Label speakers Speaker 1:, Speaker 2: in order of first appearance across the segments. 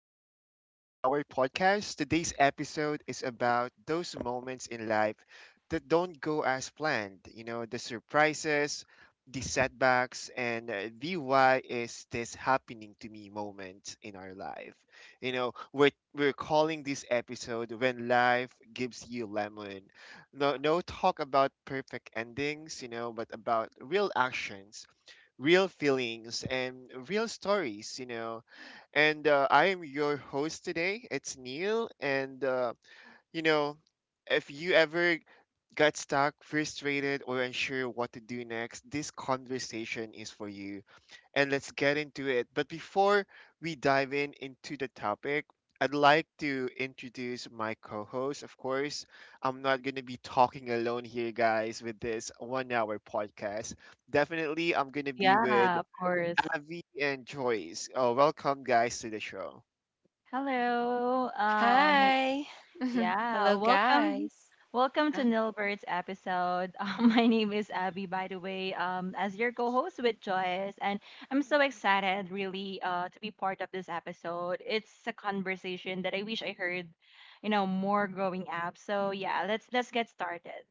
Speaker 1: back to Life in an Hour podcast. Today's episode is about those moments in life that don't go as planned. You know, the surprises, the setbacks, and the why is this happening to me moment in our life. You know, we're calling this episode When Life Gives You Lemon. No, no talk about perfect endings, you know, but about real actions, real feelings and real stories, you know. And I am your host today. It's Neil. And, you know, if you ever got stuck, frustrated, or unsure what to do next, this conversation is for you. And let's get into it. But before we dive in into the topic, I'd like to introduce my co host. Of course, I'm not going to be talking alone here, guys, with this 1 hour podcast. Definitely, I'm going to be with
Speaker 2: Yeah, of course.
Speaker 1: Avi and Joyce. Oh, welcome guys to the show.
Speaker 2: Hello.
Speaker 3: Hi.
Speaker 2: Yeah,
Speaker 3: Hello,
Speaker 2: welcome.
Speaker 3: guys.
Speaker 2: Welcome to
Speaker 3: Uh,
Speaker 2: Nilbert's episode. My name is Abby, by the way, as your co-host with Joyce, and I'm so excited, really, to be part of this episode. It's a conversation that I wish I heard, more growing up. So yeah, let's get started.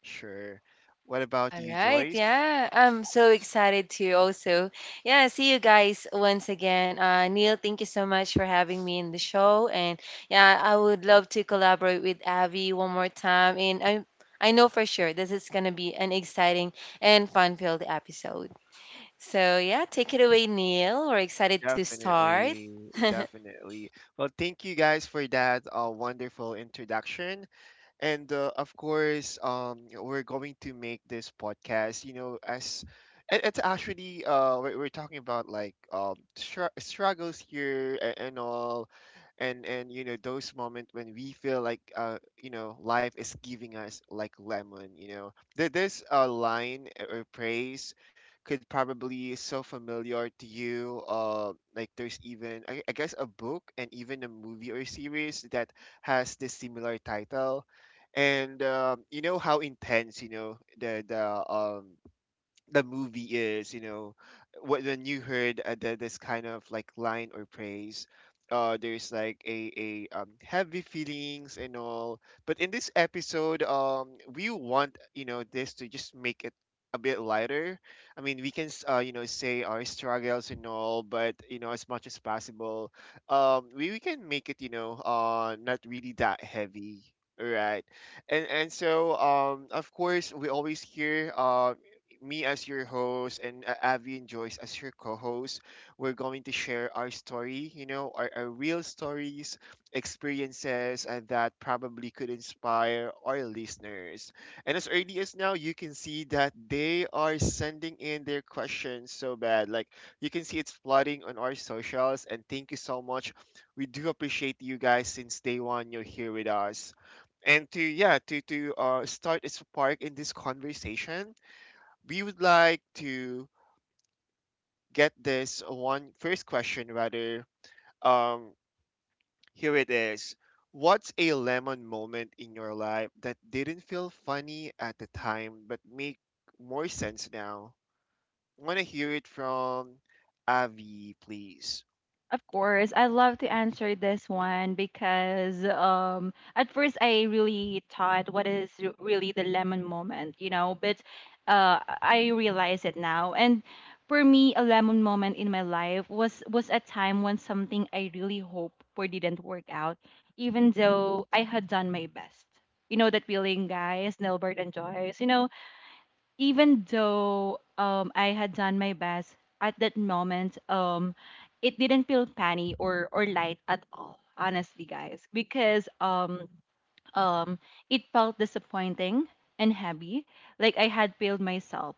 Speaker 1: Sure. What about
Speaker 3: all
Speaker 1: you,
Speaker 3: right.
Speaker 1: Joyce?
Speaker 3: Yeah. I'm so excited to also, yeah, see you guys once again. Neil, thank you so much for having me in the show. And yeah, I would love to collaborate with Abby one more time. And I know for sure this is going to be an exciting and fun filled episode. So, yeah, take it away, Neil. We're excited to start.
Speaker 1: Definitely, definitely. Well, thank you guys for that wonderful introduction. And of course, we're going to make this podcast, you know, as it's actually we're talking about like struggles here and all, and you know those moments when we feel like you know life is giving us like lemon. You know, this line or praise could probably is so familiar to you. Like there's even I guess a book and even a movie or series that has this similar title and you know how intense you know the the movie is you know when you heard this kind of like line or praise, there's like a heavy feelings and all. But in this episode we want you know this to just make it a bit lighter. I mean we can you know say our struggles and all, but you know as much as possible we can make it you know not really that heavy, right? And so of course we always hear me as your host and Avi and Joyce as your co-host. We're going to share our story, you know, our real stories, experiences that probably could inspire our listeners. And as early as now, you can see that they are sending in their questions so bad. Like you can see it's flooding on our socials. And thank you so much. We do appreciate you guys since day one. You're here with us, and to yeah to start a spark in this conversation we would like to get this one first question rather. Um, Here it is. What's a lemon moment in your life that didn't feel funny at the time but make more sense now? Want to hear it from Avi, please.
Speaker 2: Of course, I love to answer this one because at first I really thought what is really the lemon moment, you know, but I realize it now. And for me, a lemon moment in my life was a time when something I really hope for didn't work out, even though I had done my best. You know that feeling, guys, Nilbert and Joyce. You know, even though I had done my best at that moment, it didn't feel funny or light at all, honestly guys, because um it felt disappointing and heavy, like I had failed myself.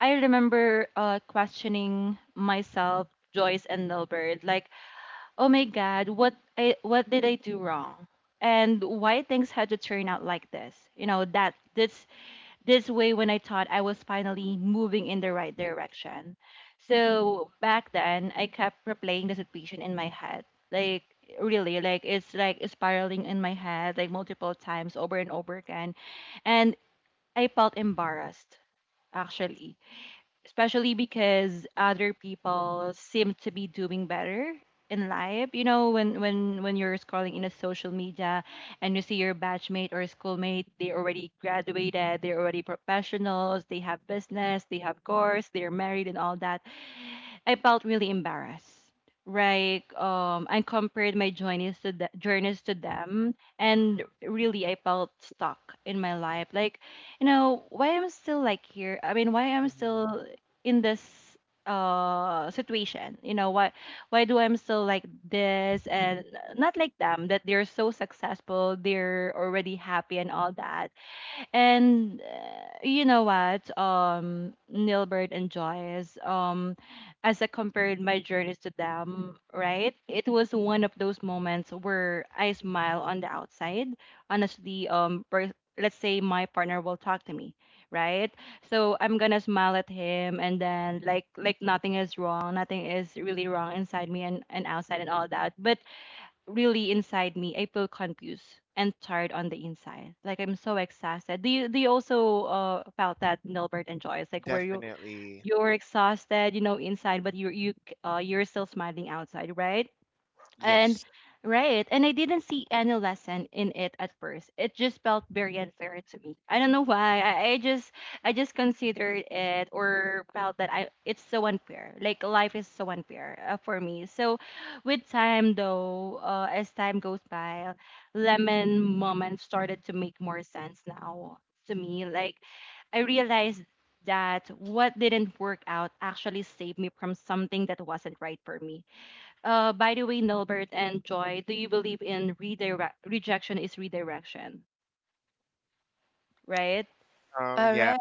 Speaker 2: I remember questioning myself, Joyce and Delbert, like, "Oh my god, what did I do wrong?" And why things had to turn out like this? You know, that this way when I thought I was finally moving in the right direction. So back then, I kept replaying the situation in my head. Like, really, like, it's like spiraling in my head, like, multiple times over and over again. And I felt embarrassed, actually, especially because other people seem to be doing better in life, you know, when when you're scrolling in a social media and you see your batchmate or schoolmate, they already graduated, they're already professionals, they have business, they have course, they're married and all that. I felt really embarrassed. Right. I compared my journeys to the, journeys to them, and really, I felt stuck in my life. Like, you know, why I'm still like here? I mean, why I'm
Speaker 1: Mhm.
Speaker 2: still in this situation? You know, why do I'm still like this and not like them, that they're so successful, they're already happy and all that. And you know what, Nilbert and Joyce, as I compared my journeys to them, right? It was one of those moments where I smile on the outside. Honestly, let's say my partner will talk to me, right? So I'm gonna smile at him, and then like nothing is wrong, nothing is really wrong inside me and outside and all that. But really inside me, I feel confused and tired on the inside. Like I'm so exhausted. Do you also felt that, Nilbert and Joyce? Like where you
Speaker 1: Definitely.
Speaker 2: you're exhausted, you know, inside, but you're still smiling outside, right? And
Speaker 1: Yes.
Speaker 2: right, and I didn't see any lesson in it at first. It just felt very unfair to me. I don't know why. I just considered it or felt that I it's so unfair. Like life is so unfair for me. So with time though, as time goes by, lemon moments started to make more sense now to me. Like I realized that what didn't work out actually saved me from something that wasn't right for me, by the way, Nilbert and Joy, do you believe in redirect? Rejection is redirection, right?
Speaker 3: All
Speaker 1: Yeah,
Speaker 3: right.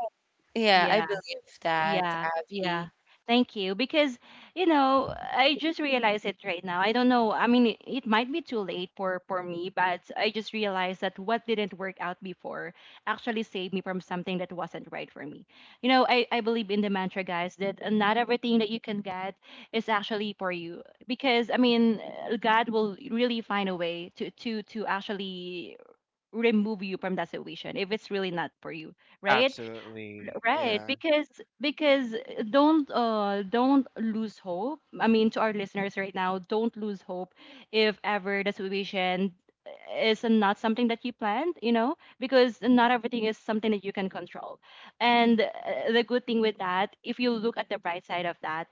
Speaker 3: Yeah, I
Speaker 2: Yeah.
Speaker 3: believe that,
Speaker 2: Yeah, yeah.
Speaker 3: Abby.
Speaker 2: Thank you. Because, you know, I just realized it right now. I don't know. I mean, it might be too late for me, but I just realized that what didn't work out before actually saved me from something that wasn't right for me. You know, I believe in the mantra, guys, that not everything that you can get is actually for you. Because, I mean, God will really find a way to actually remove you from that situation if it's really not for you, right?
Speaker 1: absolutely.
Speaker 2: Right,
Speaker 1: Yeah.
Speaker 2: because don't lose hope. I mean, to our listeners right now, don't lose hope if ever the situation is not something that you planned, you know, because not everything is something that you can control. And the good thing with that, if you look at the bright side of that,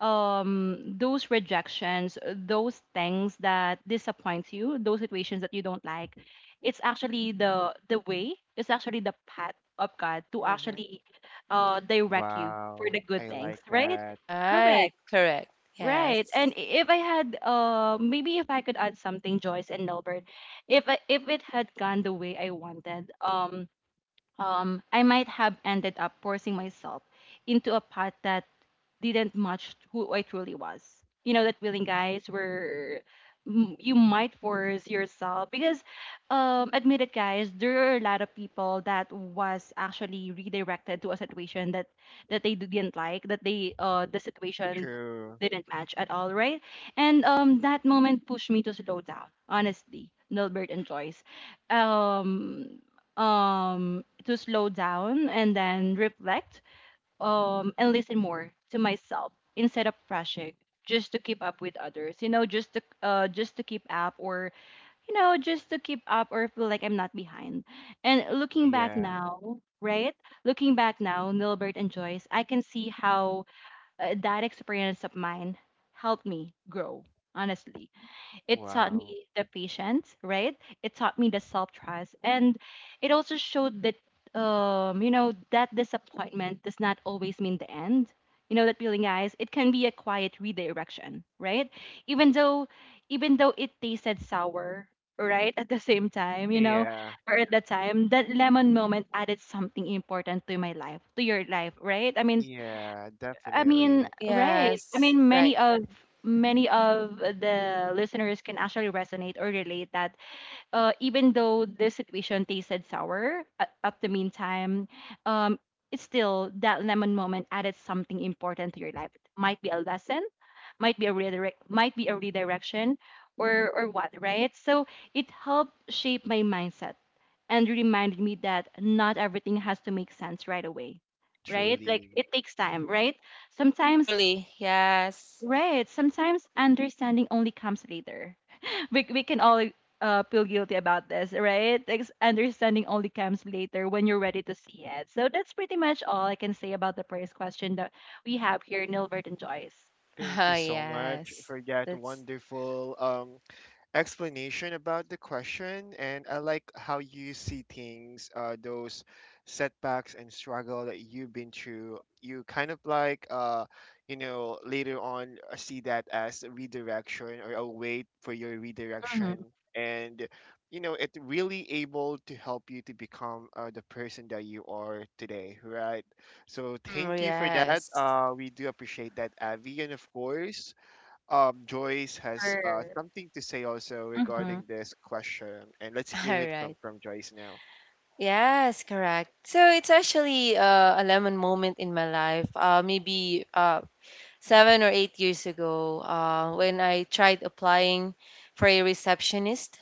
Speaker 2: those rejections, those things that disappoints you, those situations that you don't like, it's actually the way, it's actually the path of god to
Speaker 1: Mhm.
Speaker 2: actually direct you for
Speaker 1: Wow.
Speaker 2: the good
Speaker 1: I
Speaker 2: things,
Speaker 1: like
Speaker 2: right?
Speaker 1: that.
Speaker 3: Right,
Speaker 2: Correct.
Speaker 3: correct.
Speaker 2: Right,
Speaker 3: Yes.
Speaker 2: and if I had maybe, if I could add something, Joyce and Nelbert, if it had gone the way I wanted, I might have ended up forcing myself into a path that didn't match who I truly was. You know, that feeling, guys, where you might force yourself because, admit it, guys, there are a lot of people that was actually redirected to a situation that they didn't like, that they the situation
Speaker 1: True.
Speaker 2: didn't match at all, right? And that moment pushed me to slow down, honestly, Nilbert and Joyce. Um, um to slow down and then reflect, and listen more to myself instead of rushing just to keep up with others, you know, just to keep up, or you know, just to keep up or feel like I'm not behind. And looking back
Speaker 1: Yeah.
Speaker 2: now, right, looking back now, Nilbert and Joyce, I can see how, that experience of mine helped me grow, honestly. It taught
Speaker 1: Wow.
Speaker 2: me the patience, right? It taught me the self trust. And it also showed that, you know, that disappointment does not always mean the end. You know, that feeling, guys, it can be a quiet redirection, right? Even though, even though it tasted sour, right? At the same time, you know,
Speaker 1: Yeah.
Speaker 2: or at the time, that lemon moment added something important to my life, to your life, right?
Speaker 1: Yeah, definitely.
Speaker 2: Right. I
Speaker 3: Yes,
Speaker 2: mean,
Speaker 3: right.
Speaker 2: many of the listeners can actually resonate or relate that, even though this situation tasted sour at the meantime, um, it's still that lemon moment added something important to your life. It might be a lesson, might be a redirect, might be a redirection or what, right? So it helped shape my mindset and reminded me that not everything has to make sense right away, right? Like
Speaker 1: Truly.
Speaker 2: it takes time, right, sometimes.
Speaker 3: Truly, yes.
Speaker 2: Right. Sometimes understanding only comes later. We can all feel guilty about this, right? Understanding only comes later when you're ready to see it. So that's pretty much all I can say about the first question that we have here, Nilbert and Joyce.
Speaker 1: Thank you
Speaker 3: Ah,
Speaker 1: so much
Speaker 3: yes.
Speaker 1: for that
Speaker 3: That's.
Speaker 1: wonderful explanation about the question, and I like how you see things, those setbacks and struggle that you've been through. You kind of like, you know, later on see that as a redirection or a way for your
Speaker 2: hmm
Speaker 1: redirection, and you know, it really able to help you to become the person that you are today, right? So
Speaker 3: Mm,
Speaker 1: thank you for that.
Speaker 3: yes.
Speaker 1: We do appreciate that, Avi, and of course Joyce has
Speaker 2: Sure.
Speaker 1: something to say also
Speaker 2: hmm
Speaker 1: regarding this question, and let's hear
Speaker 3: All
Speaker 1: it from
Speaker 3: right.
Speaker 1: Joyce now.
Speaker 3: Yes, correct. So it's actually a lemon moment in my life. Maybe 7 or 8 years ago when I tried applying for a receptionist.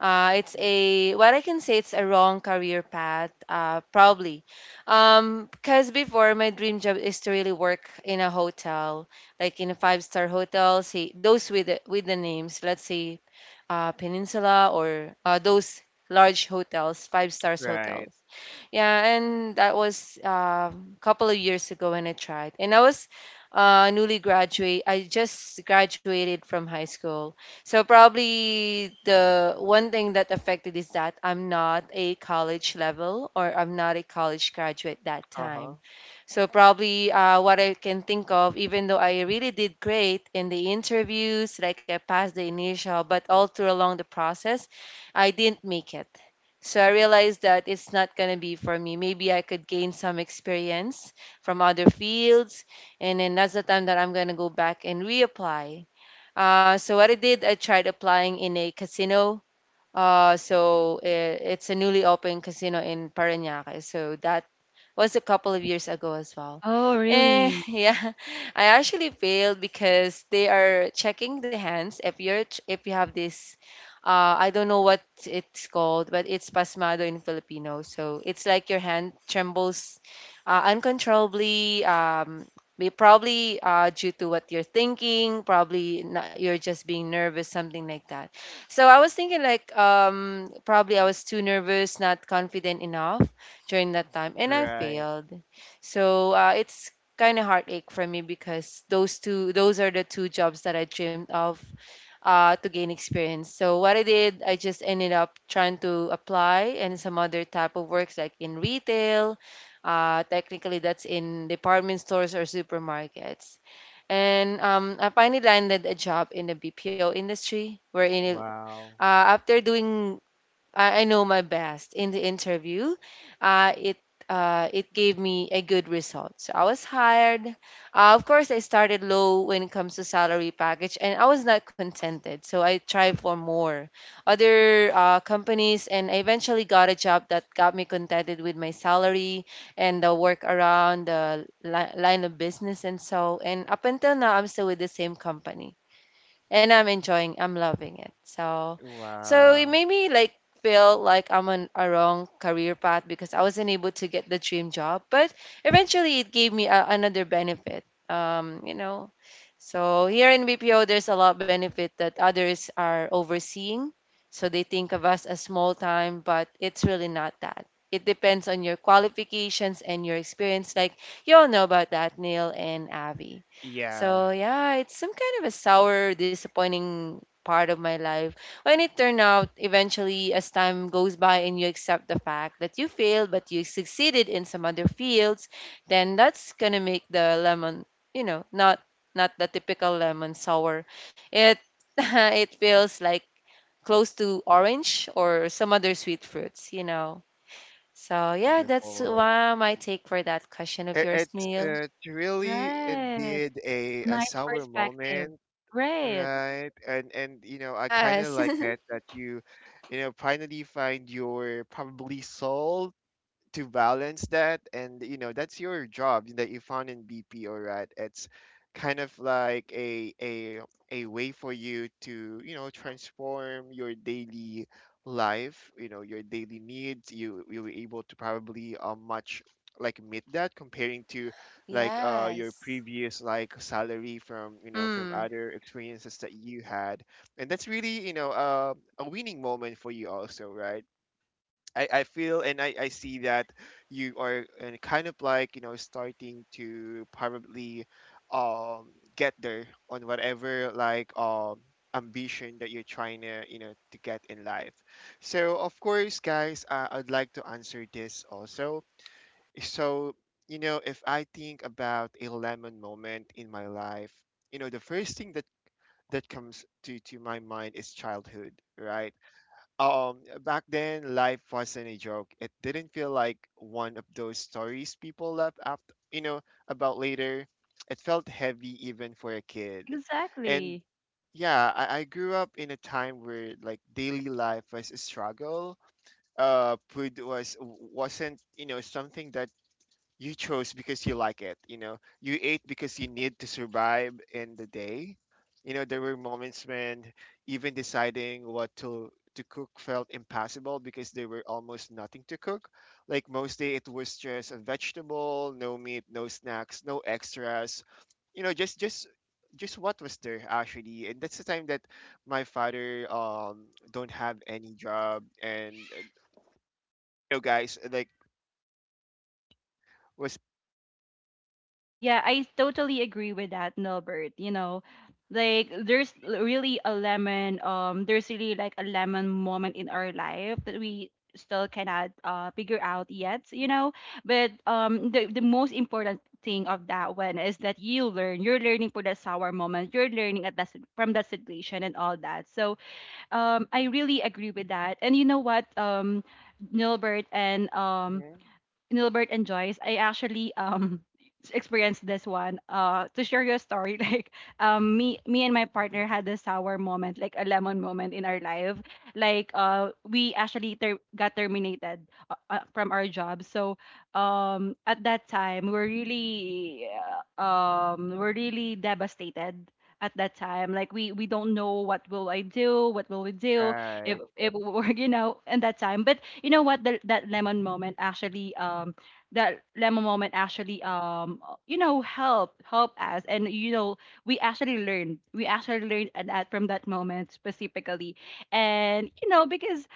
Speaker 3: It's
Speaker 1: Mm.
Speaker 3: a What I can say, it's a wrong career path, probably, because before my dream job is to really work in a hotel, like in a five-star hotel, say those with the names, let's say Peninsula or those large hotels, five stars
Speaker 1: Right.
Speaker 3: hotels. Yeah, and that was a couple of years ago when I tried. And I was newly graduate. I just graduated from high school. So probably the one thing that affected is that I'm not a college level or I'm not a college graduate that
Speaker 1: Uh huh.
Speaker 3: time. So probably what I can think of, even though I really did great in the interviews, like I passed the initial, but all through along the process, I didn't make it. So I realized that it's not going to be for me. Maybe I could gain some experience from other fields. And then that's the time that I'm going to go back and reapply. So what I did, I tried applying in a casino. So it's a newly opened casino in Parañaque. So that was a couple of years ago as well.
Speaker 2: Oh, really?
Speaker 3: Yeah, I actually failed because they are checking the hands if you have this. I don't know what it's called, but it's pasmado in Filipino. So it's like your hand trembles uncontrollably. Probably due to what you're thinking. Probably not, you're just being nervous, something like that. So I was thinking like probably I was too nervous, not confident enough during that time and I
Speaker 1: Right.
Speaker 3: failed. So it's kind of heartache for me because those are the two jobs that I dreamed of to gain experience. So what I did, I just ended up trying to apply and some other type of works like in retail. Technically, that's in department stores or supermarkets. And I finally landed a job in the BPO industry, wherein it,
Speaker 1: Wow.
Speaker 3: uh, after doing I know my best in the interview. Uh, it it gave me a good result. So I was hired. Of course, I started low when it comes to salary package, and I was not contented. So I tried for more other companies, and I eventually got a job that got me contented with my salary and the work around the line of business and so. And up until now, I'm still with the same company and I'm loving it. So it
Speaker 1: Wow.
Speaker 3: made me like feel like I'm on a wrong career path because I wasn't able to get the dream job. But eventually it gave me another benefit. So here in BPO, there's a lot of benefit that others are overseeing. So they think of us as small time, but it's really not that. It depends on your qualifications and your experience. Like you all know about that, Neil and Abby.
Speaker 1: Yeah.
Speaker 3: So yeah, it's some kind of a sour, disappointing part of my life. When it turned out, eventually, as time goes by and you accept the fact that you failed but you succeeded in some other fields, then that's gonna make the lemon, not the typical lemon sour. It it feels like close to orange or some other sweet fruits. So yeah, that's
Speaker 1: Wonderful.
Speaker 3: my take for that question of yours,
Speaker 1: It's
Speaker 3: Neil.
Speaker 1: it's really
Speaker 2: Right.
Speaker 1: indeed a
Speaker 2: Nice
Speaker 1: sour
Speaker 2: perspective.
Speaker 1: moment,
Speaker 2: Right.
Speaker 1: right? And you know I kind of
Speaker 3: Yes,
Speaker 1: like that you, you know, finally find your probably soul to balance that, and you know that's your job that you found in BPO, right? It's kind of like a way for you to you know transform your daily life, you know your daily needs. You were able to probably much like meet that comparing to like your
Speaker 3: yes.
Speaker 1: previous like salary from you know from
Speaker 3: Mm.
Speaker 1: other experiences that you had, and that's really you know a winning moment for you also, right? I feel and I see that you are kind of like you know starting to probably um get there on whatever like ambition that you're trying to you know to get in life. So of course guys I'd like to answer this also. So you know if I think about a lemon moment in my life, you know the first thing that comes to my mind is childhood, right? Back then, life wasn't a joke. It didn't feel like one of those stories people left after, you know, about later. It felt heavy even for a kid. And
Speaker 2: Exactly.
Speaker 1: yeah, I grew up in a time where like daily life was a struggle. Food was wasn't, you know, something that you chose because you like it, you know. You ate because you need to survive in the day. You know, there were moments when even deciding what to cook felt impossible because there were almost nothing to cook. Like most day it was just a vegetable, no meat, no snacks, no extras. You know, just what was there actually. And that's the time that my father don't have any job, and you know guys like was—
Speaker 2: Yeah, I totally agree with that, Nilbert. You know, like really a lemon, there's really like a lemon moment in our life that we still cannot figure out yet, you know. But the most important thing of that one is that you learn. You're learning for the sour moment. You're learning at from that situation and all that. So I really agree with that. And you know what, Nilbert and um
Speaker 1: Mhm.
Speaker 2: Nilbert and Joyce, I actually experienced this one. To share you a story, like me and my partner had a sour moment, like a lemon moment in our life. Like we actually got terminated from our job. So at that time, we are really we we're really devastated at that time. Like we don't know what will I do, what will we do
Speaker 1: Right.
Speaker 2: if we're you know in that time. But you know what? That lemon moment actually, that lemon moment actually, you know, help us, and you know, we actually learned that from that moment specifically, and you know, because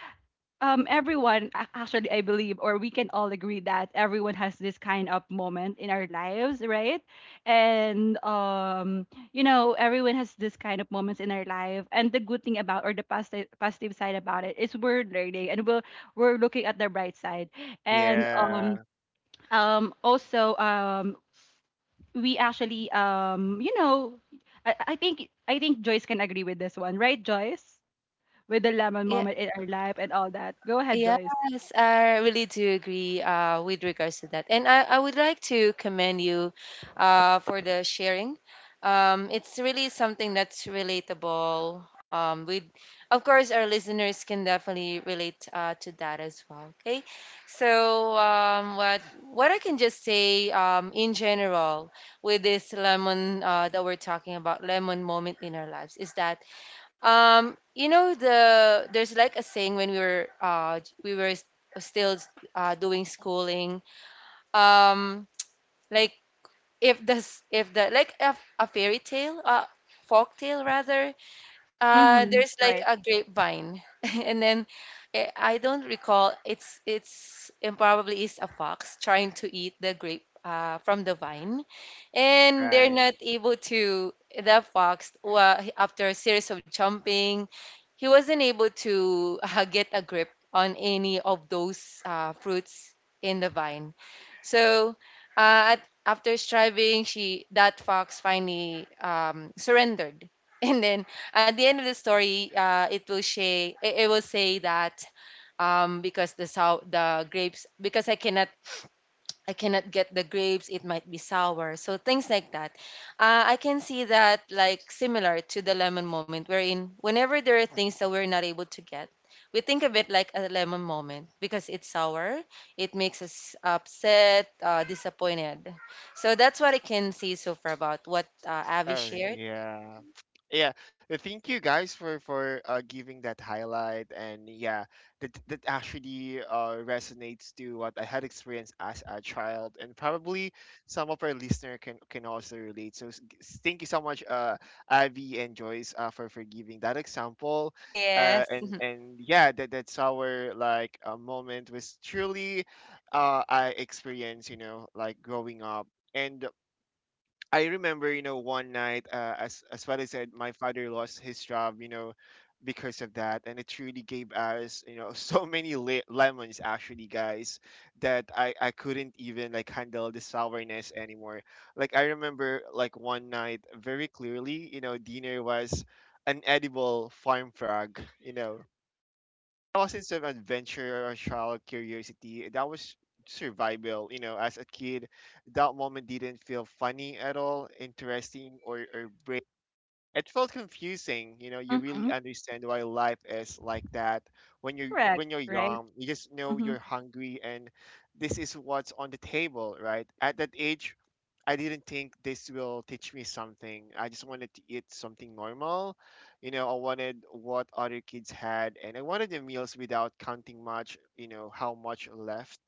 Speaker 2: everyone actually I believe, or we can all agree that everyone has this kind of moment in our lives, right? And you know, everyone has this kind of moments in our life, and the good thing about, or the positive positive side about it is we're learning, and we're looking at the bright side. And
Speaker 1: Yeah.
Speaker 2: also we actually you know I think Joyce can agree with this one, right Joyce, with the lemon moment in our life and all that, go ahead Joyce.
Speaker 3: Yes, I really do agree with regards to that. And I would like to commend you for the sharing. It's really something that's relatable. Of course, our listeners can definitely relate to that as well. Okay, so what I can just say in general with this lemon that we're talking about, lemon moment in our lives, is that you know there's like a saying when we were still doing schooling. Um, like if this if the like a fairy tale, folk tale rather. Uh,
Speaker 2: Mhm.
Speaker 3: there's like
Speaker 2: Right.
Speaker 3: a grapevine, and then I don't recall. It's and probably is a fox trying to eat the grape from the vine and they're
Speaker 1: Right.
Speaker 3: not able to the fox after a series of jumping he wasn't able to get a grip on any of those fruits in the vine so uh, at, after striving she that fox finally surrendered and then at the end of the story it will say that because the grapes because I cannot get the grapes, it might be sour. So things like that. I can see that like similar to the lemon moment, wherein whenever there are things that we're not able to get, we think of it like a lemon moment because it's sour, it makes us upset, disappointed. So that's what I can say so far about what Avi
Speaker 1: Oh
Speaker 3: shared.
Speaker 1: yeah. Yeah. Thank you guys for giving that highlight. And yeah, that that actually resonates to what I had experienced as a child, and probably some of our listener can also relate. So thank you so much, Avi and Joyce, for giving that example.
Speaker 3: Yes,
Speaker 1: And yeah, that that's our like a moment was truly, I experienced you know like growing up. And I remember, you know, one night, as what I said, my father lost his job, you know, because of that, and it truly gave us, you know, so many lemons actually, guys, that I couldn't even like handle the sourness anymore. Like I remember, like one night very clearly, you know, dinner was an edible farm frog, you know, I wasn't some adventure or child curiosity. That was survival. You know, as a kid, that moment didn't feel funny at all, interesting, or brave. It felt confusing, you know, you really
Speaker 2: Mhm.
Speaker 1: understand why life is like that. When you
Speaker 2: Correct,
Speaker 1: when you're
Speaker 2: right?
Speaker 1: young, you just know
Speaker 2: Mhm.
Speaker 1: you're hungry, and this is what's on the table, right? At that age, I didn't think this will teach me something. I just wanted to eat something normal. You know, I wanted what other kids had, and I wanted the meals without counting much, you know, how much left.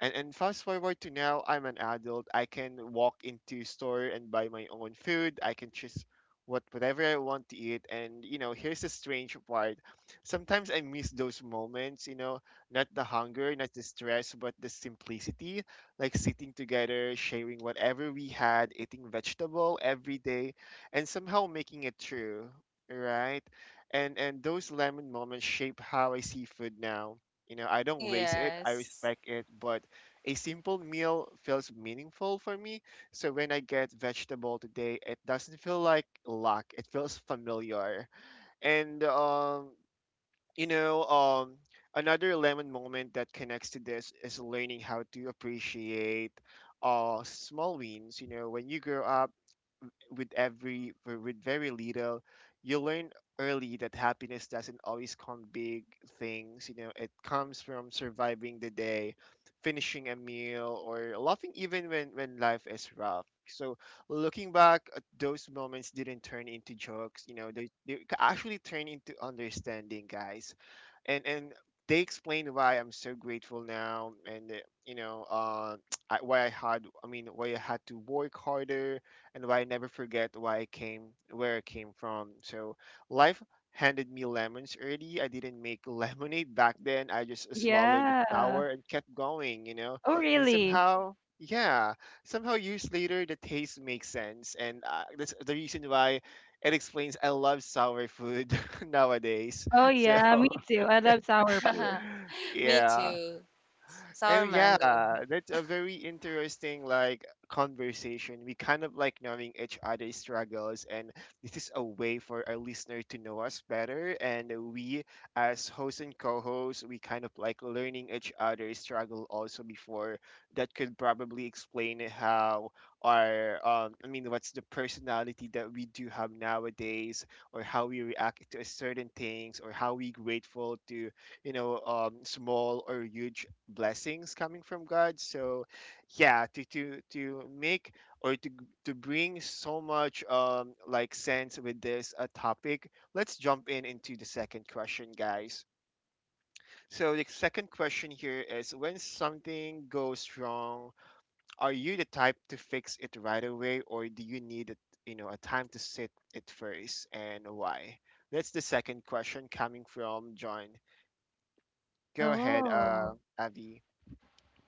Speaker 1: And fast forward to now, I'm an adult. I can walk into store and buy my own food. I can choose whatever I want to eat. And you know, here's the strange part. Sometimes I miss those moments, you know, not the hunger, not the stress, but the simplicity, like sitting together, sharing whatever we had, eating vegetable every day, and somehow making it through, right? And those lemon moments shape how I see food now. You know, I don't waste it, I
Speaker 3: yes.
Speaker 1: respect it, but a simple meal feels meaningful for me. So when I get vegetable today, it doesn't feel like luck. It feels familiar. And you know, um, another lemon moment that connects to this is learning how to appreciate small wins. You know, when you grow up with every with very little, you learn early that happiness doesn't always come big things, you know it comes from surviving the day, finishing a meal, or laughing even when life is rough. So looking back at those moments didn't turn into jokes, you know they actually turn into understanding, guys. And they explain why I'm so grateful now, and you know, uh, why I had, I mean, why I had to work harder, and why I never forget why I came, where I came from. So life handed me lemons early. I didn't make lemonade back then. I just swallowed the
Speaker 2: Yeah.
Speaker 1: sour and kept going, you know.
Speaker 2: Oh,
Speaker 1: And
Speaker 2: really?
Speaker 1: somehow, yeah, somehow years later, the taste makes sense, and that's the reason why it explains I love sour food nowadays.
Speaker 2: Oh,
Speaker 1: So
Speaker 2: yeah, me too. I love sour foods.
Speaker 3: Me
Speaker 1: yeah.
Speaker 3: too. Sour
Speaker 1: And yeah,
Speaker 3: mango.
Speaker 1: that's a very interesting like conversation. We kind of like knowing each other's struggles, and this is a way for our listener to know us better. And we, as host and co-host, we kind of like learning each other's struggle also before. That could probably explain how what's the personality that we do have nowadays, or how we react to certain things, or how we grateful to small or huge blessings coming from God. So, yeah, to make or to bring so much like sense with this topic, let's jump in into the second question, guys. So the second question here is when something goes wrong, are you the type to fix it right away or do you need a, a time to sit it first and why? That's the second question coming from John. Go ahead,
Speaker 2: Oh,
Speaker 1: Avi.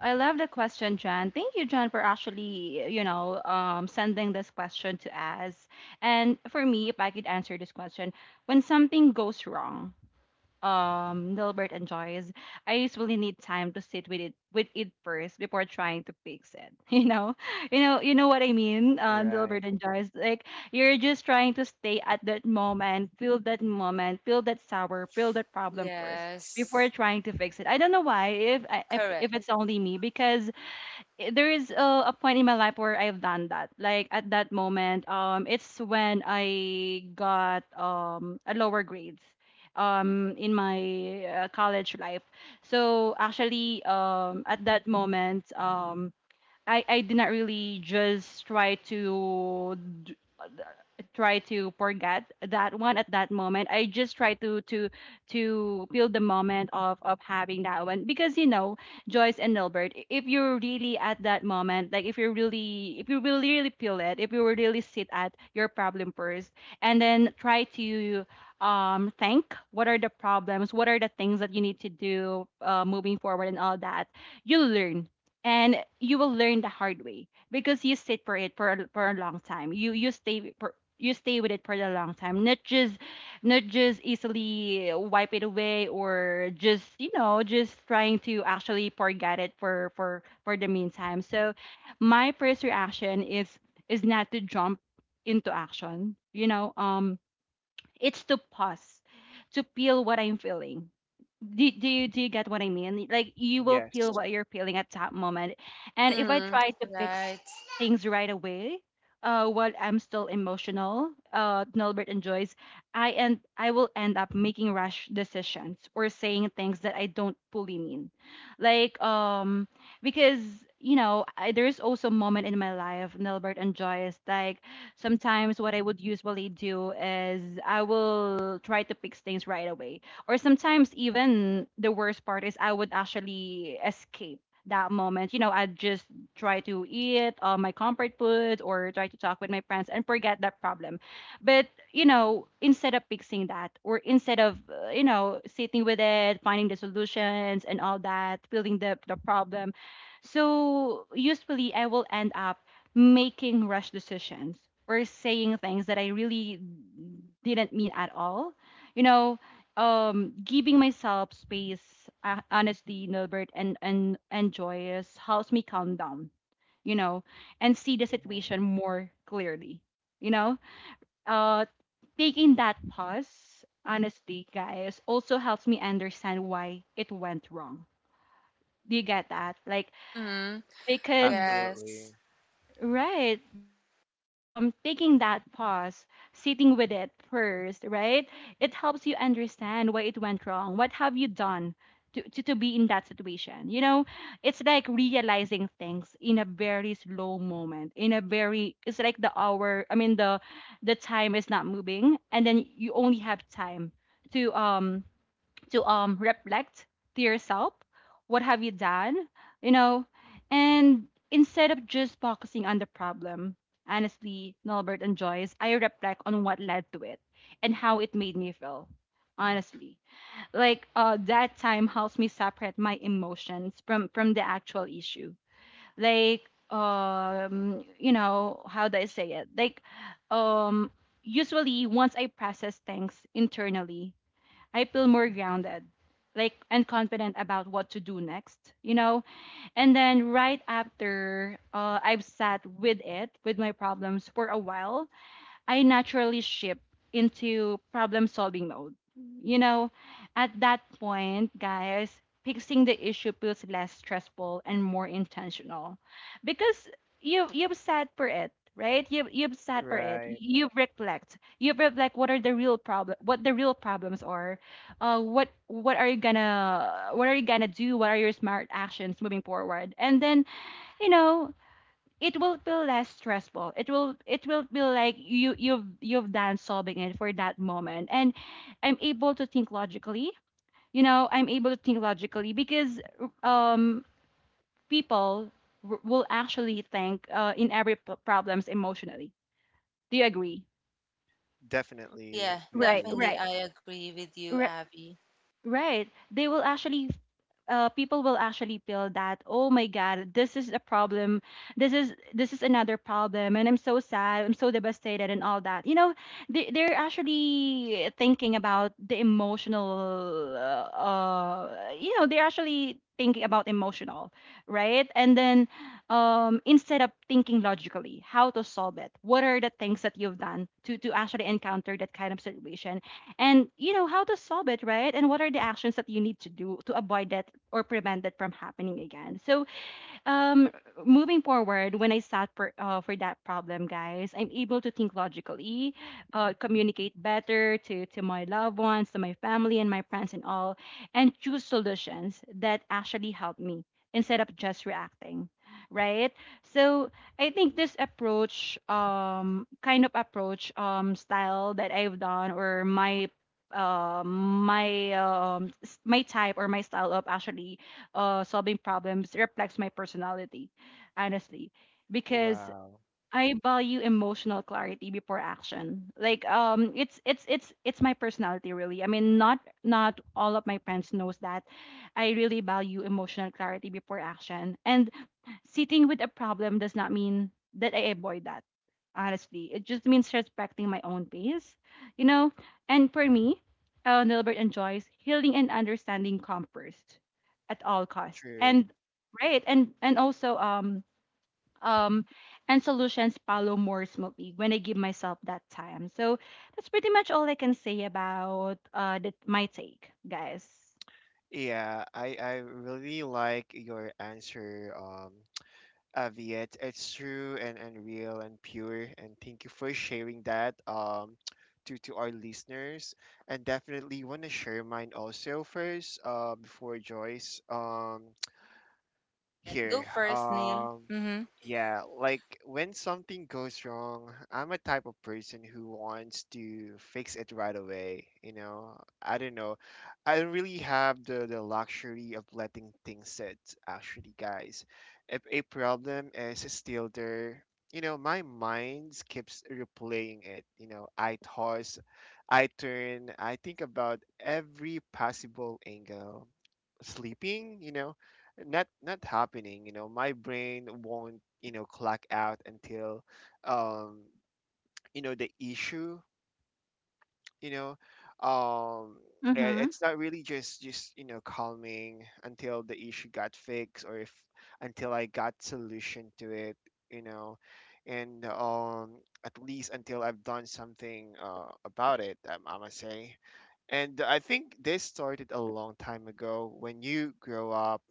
Speaker 2: I love the question, John. Thank you, John, for actually, you know, sending this question to us. And for me, if I could answer this question, when something goes wrong, Nilbert enjoys, I usually need time to sit with it first before trying to fix it. You know? You know what I mean? Nilbert
Speaker 1: Right.
Speaker 2: enjoys. Like, you're just trying to stay at that moment, feel that moment, feel that sour, feel that problem first before
Speaker 3: Yes,
Speaker 2: trying to fix it. I don't know why, if I- if
Speaker 3: correct.
Speaker 2: it's only me, because there is a point in my life where I've done that. Like, at that moment, it's when I got a lower grades, in my college life. So actually, at that moment, I did not really just try to d- try to forget that one at that moment. I just try to feel the moment of having that one, because Joyce and Nilbert, if you're really at that moment, like, if you really really feel it, if you will really sit at your problem first, and then try to think what are the problems, what are the things that you need to do, moving forward and all that, you learn, and you will learn the hard way, because you sit for it for for a long time, you stay with it for a long time, not just easily wipe it away, or just just trying to actually forget it for the meantime. So my first reaction is not to jump into action. It's to pause, to feel what I'm feeling. Do you get what I mean? Like, you will feel
Speaker 1: Yes.
Speaker 2: what you're feeling at that moment. And if I
Speaker 3: Mm-hmm.
Speaker 2: try to fix
Speaker 3: Right.
Speaker 2: things right away, while I'm still emotional, Nilbert enjoys, I will end up making rash decisions, or saying things that I don't fully mean. Like, because there's also a moment in my life, Nilbert and Joyce, like, sometimes what I would usually do is I will try to fix things right away. Or sometimes even the worst part is I would actually escape that moment. I'd just try to eat my comfort food, or try to talk with my friends and forget that problem. But, instead of fixing that, or instead of, sitting with it, finding the solutions and all that, feeling the problem, so usually I will end up making rash decisions, or saying things that I really didn't mean at all. You know, Giving myself space, honestly, Nilbert, and joyous helps me calm down. You know, and see the
Speaker 1: Hmm.
Speaker 2: situation more clearly. You know, uh, Taking that pause, honestly, guys, also helps me understand why it went wrong. Do you get that? Like,
Speaker 3: Mm-hmm.
Speaker 2: because
Speaker 1: Absolutely.
Speaker 3: Yes.
Speaker 2: right. Because taking that pause, sitting with it first, right? It helps you understand why it went wrong. What have you done to be in that situation? It's like realizing things in a very slow moment, it's like the hour, I mean, the time is not moving, and then you only have time to um to reflect to yourself what have you done. you know and instead of just focusing on the problem, honestly, Norbert and Joyce, I reflect on what led to it and how it made me feel, honestly. Like, that time helps me separate my emotions from the actual issue. Like, how do I say it? Like, um usually once I process things internally, I feel more grounded, like, and confident about what to do next. And then right after I've sat with it, with my problems for a while, I naturally shift into problem solving mode. You know, at that point, guys, fixing the issue feels less stressful and more intentional, because you've sat for it, right? You've sat for it.
Speaker 1: Right.
Speaker 2: You reflect. You reflect what are the real problem, what the real problems are, what are you gonna do? What are your smart actions moving forward? And then you know it will feel less stressful. It will feel like you've done solving it for that moment. And I'm able to think logically. I'm able to think logically because um people will actually think, in every problems, emotionally. Do you agree?
Speaker 3: Oh,
Speaker 1: Definitely
Speaker 3: yeah,
Speaker 1: we
Speaker 2: Right,
Speaker 1: do.
Speaker 3: definitely.
Speaker 2: right,
Speaker 3: I agree with you,
Speaker 2: right,
Speaker 3: Abby.
Speaker 2: right. They will actually, people will actually feel that, oh my god, this is a problem, this is another problem, and I'm so sad, I'm so devastated, and all that. They're actually thinking about the emotional, they're actually thinking about emotional. Right. And then, instead of thinking logically how to solve it, what are the things that you've done to actually encounter that kind of situation, and you know how to solve it, right? And what are the actions that you need to do to avoid that or prevent that from happening again? So um moving forward, when I sat for for that problem, guys, I'm able to think logically, communicate better to my loved ones, to my family and my friends and all, and choose solutions that actually help me instead of just reacting, right? So I think this approach, kind of approach, style that I've done, or my my type or my style of actually solving problems, reflects my personality, honestly, because
Speaker 1: Wow.
Speaker 2: I value emotional clarity before action. Like, it's my personality really. I mean, not all of my friends knows that I really value emotional clarity before action. And sitting with a problem does not mean that I avoid that. Honestly, it just means respecting my own pace, you know? And for me, Nilbert enjoys healing and understanding come first at all cost.
Speaker 1: True.
Speaker 2: And, right, um and solutions follow more smoothly when I give myself that time. So that's pretty much all I can say about that my take, guys.
Speaker 1: Yeah, I really like your answer, Avi. It's true and real and pure, and thank you for sharing that, to our listeners. And definitely want to share mine also first, before Joyce.
Speaker 3: All right, go
Speaker 1: Here.
Speaker 3: first, Neil. Mm-hmm.
Speaker 1: Yeah, like when something goes wrong, I'm a type of person who wants to fix it right away. You know. I don't really have the luxury of letting things sit, actually, guys. If a problem is still there, you know, my mind keeps replaying it. You know, I toss, I turn, I think about every possible angle sleeping, you know, not not happening. You know, my brain won't, you know, clock out until um you know the issue, you know um I-
Speaker 2: Mm-hmm.
Speaker 1: it's not really just you know calming until the issue got fixed, or if until I got solution to it, you know. And at least until I've done something about it, I must say. And I think this started a long time ago when you grow up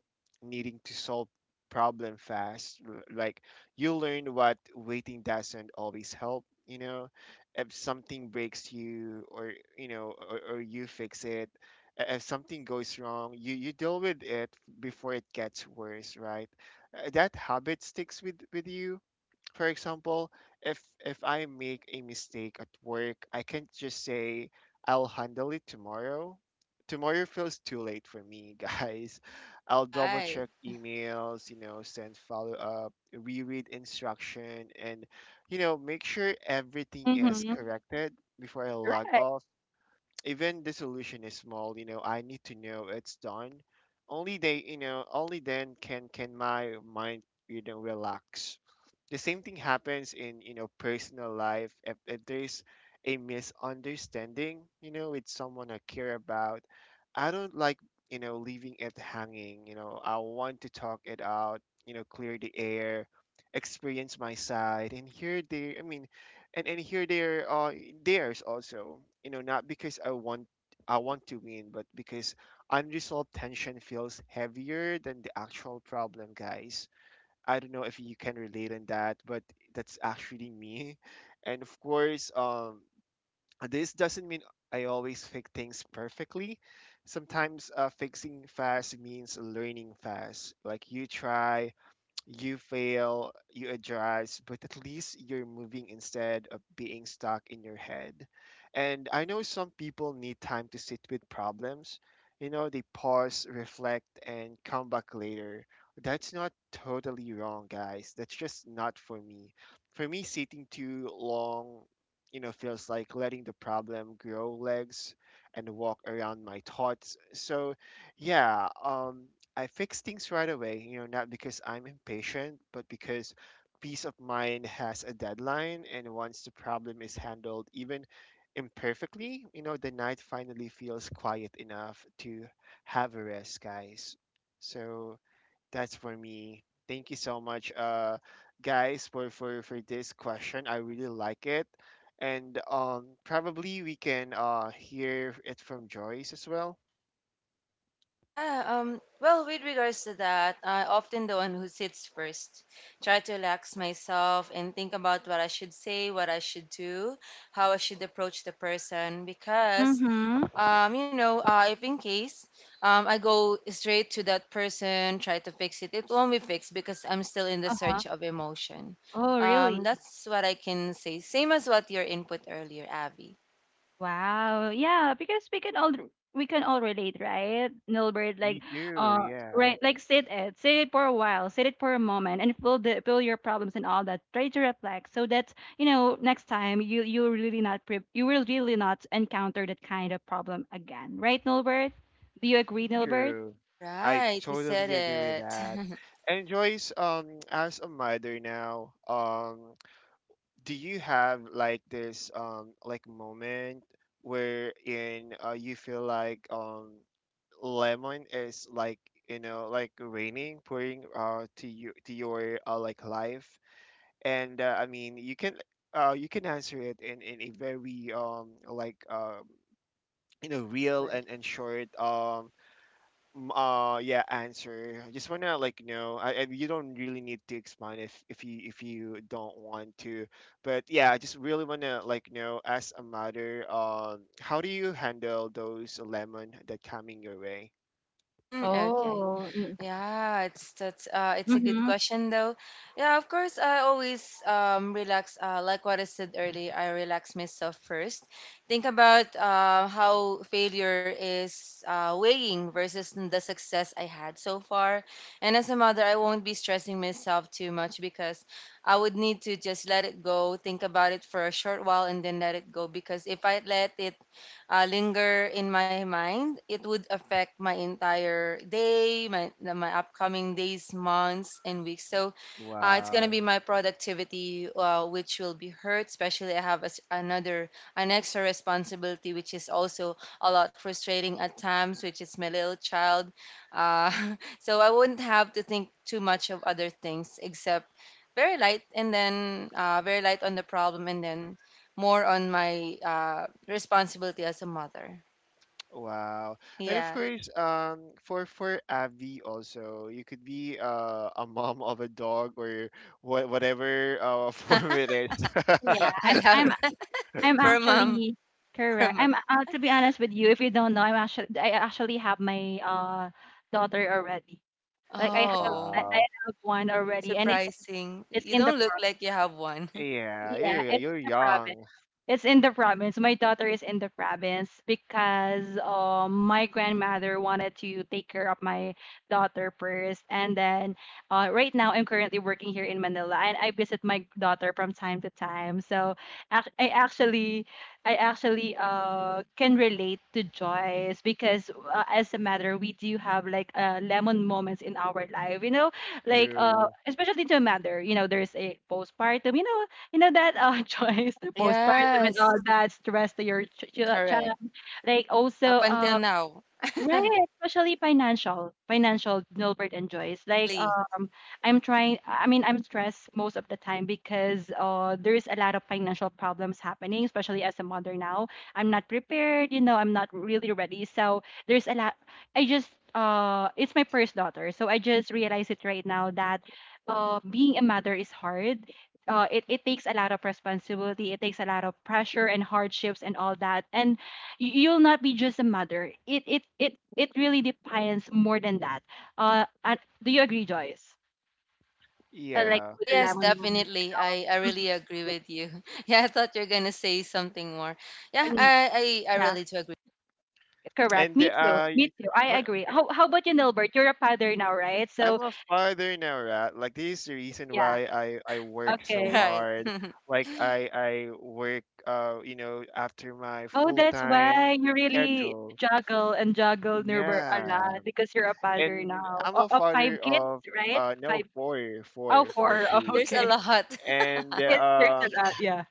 Speaker 1: needing to solve problem fast. Like you learn what waiting doesn't always help, you know. If something breaks you, or you know, or you fix it, if something goes wrong, you deal with it before it gets worse, right? That habit sticks with you. For example, if if I make a mistake at work, I can't just say I'll handle it tomorrow. Tomorrow feels too late for me, guys. I'll double
Speaker 3: Right.
Speaker 1: check emails, you know, send follow up, reread instruction, and you know, make sure everything is
Speaker 2: Mm-hmm.
Speaker 1: corrected before I log
Speaker 2: Right.
Speaker 1: off. Even the solution is small, you know, I need to know it's done. Only they, you know, only then can my mind, you know, relax. The same thing happens in, you know, personal life. If there's a misunderstanding, you know, with someone I care about, I don't like, you know, leaving it hanging. You know, I want to talk it out, you know, clear the air, experience my side and hear their, I mean, and here there are theirs also, you know, not because I want I want to win, but because unresolved tension feels heavier than the actual problem, guys. I don't know if you can relate on that, but that's actually me. And of course, this doesn't mean I always fix things perfectly. Sometimes fixing fast means learning fast. Like you try, you fail, you adjust, but at least you're moving instead of being stuck in your head. And I know some people need time to sit with problems. You know, they pause, reflect, and come back later. That's not totally wrong, guys. That's just not for me. For me, sitting too long, you know, feels like letting the problem grow legs and walk around my thoughts. So, yeah, I fix things right away, you know, not because I'm impatient, but because peace of mind has a deadline, and once the problem is handled, even imperfectly, you know, the night finally feels quiet enough to have a rest, guys. So that's for me. Thank you so much, guys, for for this question. I really like it, and probably we can hear it from Joyce as well.
Speaker 3: Yeah, well, with regards to that, I often the one who sits first. Try to relax myself and think about what I should say, what I should do, how I should approach the person, because
Speaker 2: Mm-hmm.
Speaker 3: if in case I go straight to that person, try to fix it, it won't be fixed because I'm still in the
Speaker 2: Uh-huh.
Speaker 3: search of emotion.
Speaker 2: Oh,
Speaker 3: Um,
Speaker 2: really?
Speaker 3: that's what I can say. Same as what your input earlier, Abby.
Speaker 2: Wow. Yeah, because we can all relate, right? Nilbert, like,
Speaker 1: We do,
Speaker 2: uh
Speaker 1: yeah.
Speaker 2: right, like, sit it. Sit it for a while, sit it for a moment, and feel the feel your problems and all that. Try to reflect so that, next time you will really not encounter that kind of problem again. Right, Nilbert? Do you agree, Nilbert?
Speaker 1: True. I
Speaker 3: Right, you said
Speaker 1: totally agree with that.
Speaker 3: it.
Speaker 1: And Joyce, as a mother now, do you have like this like moment wherein you feel like lemon is like, you know, like raining pouring to you, to your like life, and I mean you can answer it in a very like you know real
Speaker 3: Never.
Speaker 1: and short. Yeah, answer. I just wanna like know. I you don't really need to explain if you don't want to. But yeah, I just really wanna like know as a mother, how do you handle those lemon that coming your way?
Speaker 3: Mm, okay.
Speaker 2: Oh,
Speaker 3: Yeah, it's a good
Speaker 2: mm-hmm.
Speaker 3: question though. Yeah, of course, I always relax. Like what I said earlier, I relax myself first. Think about how failure is weighing versus the success I had so far. And as a mother, I won't be stressing myself too much because I would need to just let it go. Think about it for a short while and then let it go because if I let it linger in my mind, it would affect my entire day, my upcoming days, months, and weeks. So it's going to be
Speaker 1: Wow.
Speaker 3: my productivity, which will be hurt, especially I have as an extra responsibility, which is also a lot frustrating at times, which is my little child. Uh, so I wouldn't have to think too much of other things except very light and then very light on the problem and then more on my responsibility as a mother.
Speaker 1: Wow. And of
Speaker 3: Yeah,
Speaker 1: course, for Abby also, you could be a mom of a dog or what whatever form it
Speaker 2: Yeah,
Speaker 3: I
Speaker 1: is.
Speaker 2: I'm
Speaker 3: love
Speaker 2: I'm
Speaker 3: that.
Speaker 2: I'm
Speaker 3: For a mom,
Speaker 2: actually
Speaker 3: for a
Speaker 2: correct.
Speaker 3: mom.
Speaker 2: I'm, to be honest with you, if you don't know, I actually have my daughter already. Like, I have I
Speaker 3: Oh,
Speaker 2: I
Speaker 1: Wow.
Speaker 2: have one already, and
Speaker 3: surprising.
Speaker 2: it's
Speaker 3: You
Speaker 2: in the
Speaker 3: don't look like you have one.
Speaker 1: Yeah,
Speaker 2: yeah,
Speaker 1: you
Speaker 2: it's
Speaker 1: you're
Speaker 2: in the province.
Speaker 1: young.
Speaker 2: It's in the province. My daughter is in the province because my grandmother wanted to take care of my daughter first, and then right now I'm currently working here in Manila, and I visit my daughter from time to time. So ac- I actually, I actually can relate to Joyce, because as a matter we do have, like, lemon moments in our life, like,
Speaker 1: True.
Speaker 2: especially to a mother, there's a postpartum, you know that choice, the postpartum and
Speaker 3: Yes,
Speaker 2: all that stress to your
Speaker 3: correct.
Speaker 2: child. Like also,
Speaker 3: Up until now,
Speaker 2: right, especially financial, Nilbert and Joyce. Like,
Speaker 3: really.
Speaker 2: I'm trying. I mean, I'm stressed most of the time because there is a lot of financial problems happening, especially as a mother now. I'm not prepared. I'm not really ready. So there's a lot. I just It's my first daughter, so I just realize it right now that being a mother is hard. It takes a lot of responsibility. It takes a lot of pressure and hardships and all that. And you'll not be just a mother. It really depends more than that. And do you agree, Joyce? Like,
Speaker 1: Yeah.
Speaker 3: Ah,
Speaker 2: with the
Speaker 3: yes,
Speaker 2: lemon woman and
Speaker 3: definitely.
Speaker 2: all.
Speaker 3: I
Speaker 2: Mhm.
Speaker 3: really agree
Speaker 2: Yeah.
Speaker 3: with you. Yeah, I thought you're gonna say something more. Yeah,
Speaker 2: And
Speaker 3: I
Speaker 2: yeah,
Speaker 3: really do agree.
Speaker 2: correct.
Speaker 1: And
Speaker 2: Me too. Me too. I
Speaker 1: when,
Speaker 2: agree. How about you, Nilbert? You're a father now, right? So
Speaker 1: I'm a father now, right? Like this is the reason
Speaker 2: yeah.
Speaker 1: why I work so
Speaker 2: Okay.
Speaker 3: Right.
Speaker 1: hard. Like I work you know after my
Speaker 2: Oh,
Speaker 1: full
Speaker 2: that's
Speaker 1: time
Speaker 2: why you really
Speaker 1: schedule.
Speaker 2: juggle and juggle, Nilbert, a
Speaker 1: Yeah.
Speaker 2: lot because you're a father
Speaker 1: And
Speaker 2: now.
Speaker 1: I'm a
Speaker 2: Of five
Speaker 1: father
Speaker 2: kids,
Speaker 1: of
Speaker 2: right?
Speaker 1: no
Speaker 2: Five.
Speaker 1: four
Speaker 2: Oh,
Speaker 1: four four
Speaker 2: four. Oh,
Speaker 1: kids.
Speaker 3: There's a
Speaker 2: okay.
Speaker 3: lot.
Speaker 1: And
Speaker 2: There's a lot. Yeah.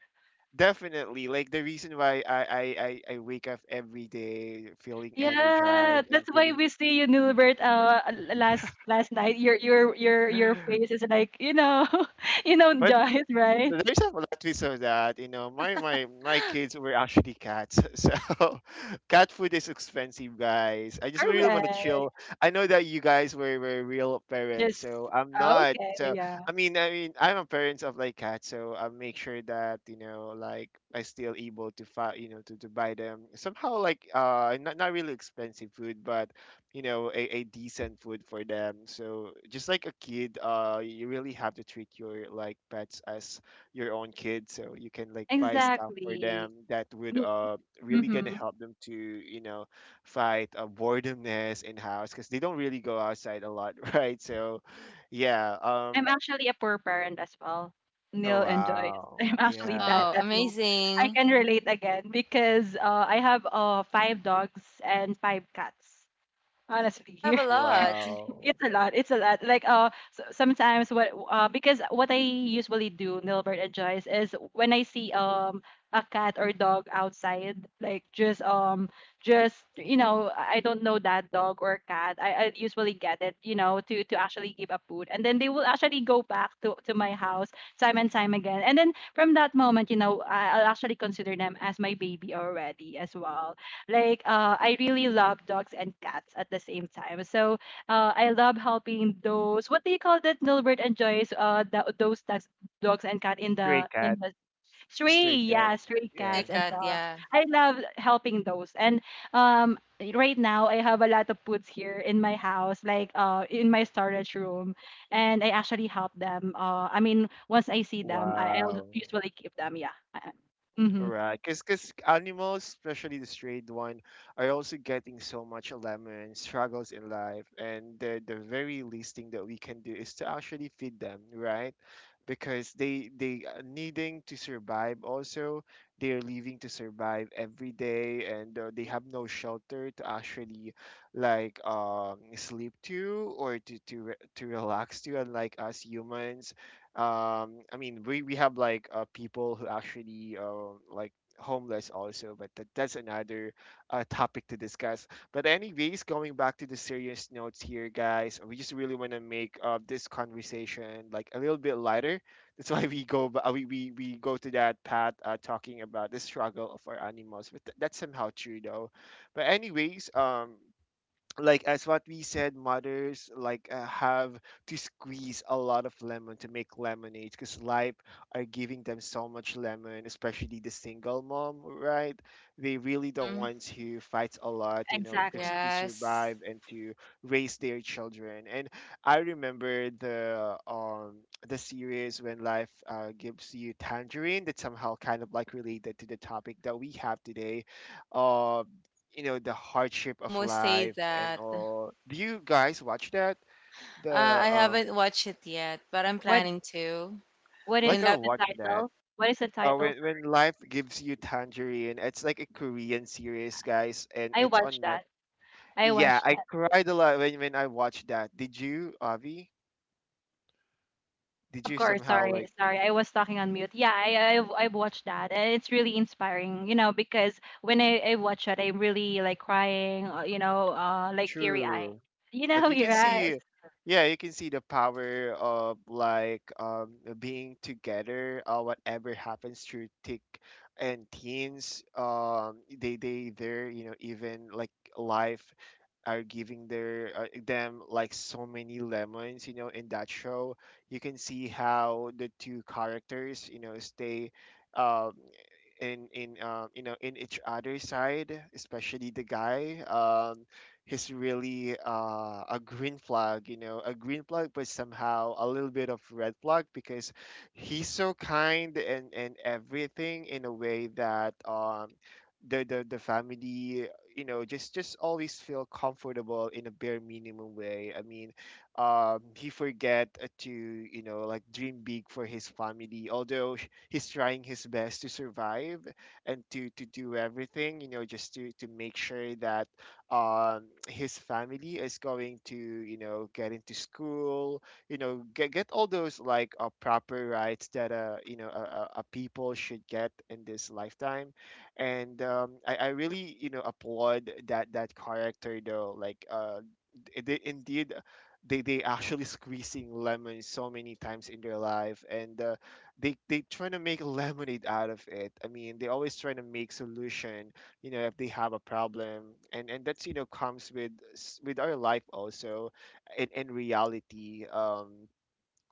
Speaker 1: definitely like the reason why I wake up every day feeling
Speaker 2: Yeah,
Speaker 1: energized and
Speaker 2: that's why
Speaker 1: feeling.
Speaker 2: we see you, Nilbert. Last night, your face is like,
Speaker 1: but.
Speaker 2: Joyce, right?
Speaker 1: There's a lot of that, you know, my kids were actually cats so cat food is expensive, guys. I just really want to
Speaker 2: Correct.
Speaker 1: chill. I know that you guys were real parents,
Speaker 2: Yes.
Speaker 1: so I'm not
Speaker 2: Okay.
Speaker 1: so,
Speaker 2: Yeah,
Speaker 1: I mean, I mean, I'm a parent of like cats, so I make sure that, you know, like I still able to find, you know, to buy them somehow like not, not really expensive food, but you know a decent food for them. So just like a kid, you really have to treat your like pets as your own kids, so you can like buy stuff for
Speaker 2: exactly.
Speaker 1: them that would
Speaker 2: Me.
Speaker 1: really gonna
Speaker 2: Mm-hmm.
Speaker 1: help them to, you know, fight boredomness in house, because they don't really go outside a lot right? So yeah,
Speaker 2: I'm actually a poor parent as well,
Speaker 1: oh
Speaker 2: Neil and Joyce.
Speaker 1: wow
Speaker 2: I'm actually that
Speaker 1: yeah.
Speaker 3: Oh,
Speaker 2: as well. I
Speaker 3: amazing.
Speaker 2: can relate again because I have five dogs and five cats.
Speaker 3: You
Speaker 2: Honestly,
Speaker 3: have a lot.
Speaker 1: Wow.
Speaker 2: it's a lot. It's a lot. So sometimes what I usually do, Nilbert and Joyce, is when I see a cat or dog outside, like just I don't know that dog or cat. I usually get it, you know, to actually give up food, and then they will actually go back to my house time and time again. And then from that moment, you know, I'll actually consider them as my baby already as well. Like I really love dogs and cats at the same time. So I love helping those. What do you call that? Nilbert enjoys those dogs, dogs and cat in
Speaker 1: Stray
Speaker 2: the in
Speaker 1: cat.
Speaker 2: the stray,
Speaker 1: Stray cat,
Speaker 2: yeah, stray
Speaker 1: yeah.
Speaker 3: Stray
Speaker 2: cats and
Speaker 3: cat,
Speaker 2: dogs.
Speaker 3: yeah.
Speaker 2: I love helping those. And um, right now I have a lot of puts here in my house, like in my storage room, and I actually help them. I mean, once I see them, I'll
Speaker 1: Wow.
Speaker 2: usually give them. Yeah. Mm-hmm.
Speaker 1: Right, because animals, especially the strayed one, are also getting so much lemon struggles in life, and the very least thing that we can do is to actually feed them, right? Because they are needing to survive. Also, they are living to survive every day, and they have no shelter to actually like sleep to, or to to relax to, unlike us humans. I mean, we have like people who actually like homeless also, but that, that's another topic to discuss. But anyways, going back to the serious notes here, guys, we just really want to make this conversation like a little bit lighter. That's why we, we go to that path, talking about the struggle of our animals. But that's somehow true though. But anyways, like as what we said, mothers like have to squeeze a lot of lemon to make lemonade, because life are giving them so much lemon, especially the single mom, right? They really the
Speaker 3: Hmm.
Speaker 1: ones who fights a lot, you know, just
Speaker 2: Exactly.
Speaker 1: to
Speaker 3: Yes.
Speaker 1: survive and to raise their children. And I remember the series When Life Gives You Tangerine, that somehow kind of like related to the topic that we have today. Uh, you know, the hardship of
Speaker 3: Almost say
Speaker 1: life and
Speaker 3: that.
Speaker 1: all. Do you guys watch that?
Speaker 3: Uh,
Speaker 1: The
Speaker 3: I haven't watched it yet, but I'm
Speaker 2: What
Speaker 3: planning to.
Speaker 2: What
Speaker 1: like
Speaker 3: When
Speaker 2: is
Speaker 1: I
Speaker 3: that,
Speaker 2: the
Speaker 1: watch that.
Speaker 2: title? What is the title?
Speaker 1: When
Speaker 2: Sorry.
Speaker 1: life gives you tangerine, it's like a Korean series, guys, and
Speaker 2: I
Speaker 1: it's
Speaker 2: watched
Speaker 1: on net.
Speaker 2: that. I
Speaker 1: Yeah,
Speaker 2: watched
Speaker 1: I
Speaker 2: that.
Speaker 1: cried a lot when I watched that. Did you, Avi? Did
Speaker 2: Of
Speaker 1: you
Speaker 2: course,
Speaker 1: somehow
Speaker 2: sorry,
Speaker 1: like
Speaker 2: sorry. I was talking on mute. Yeah, I've watched that, and it's really inspiring, you know, because when I watch it, I'm really like crying, you know, like teary eye.
Speaker 1: true?
Speaker 2: You know,
Speaker 1: You can
Speaker 2: your eyes.
Speaker 1: see, yeah, you can see the power of, like, being together, whatever happens, through thick and teens. They you know, even like life are giving their them like so many lemons, you know, in that show. You can see how the two characters, you know, stay um in you know, in each other's side, especially the guy. He's really a green flag, you know, a green flag, but somehow a little bit of red flag, because he's so kind and everything, in a way that the family, you know, just always feel comfortable in a bare minimum way, I mean. He forget, to, you know, like dream big for his family, although he's trying his best to survive and to do everything, you know, just to make sure that, his family is going to, you know, get into school, you know, get all those like proper rights that, you know, a people should get in this lifetime. And, I really, you know, applaud that character, though, like, they indeed, they actually squeezing lemon so many times in their life. And they trying to make lemonade out of it, I mean, they always trying to make solution, you know, if they have a problem. And that's, you know, comes with with our life also, in reality.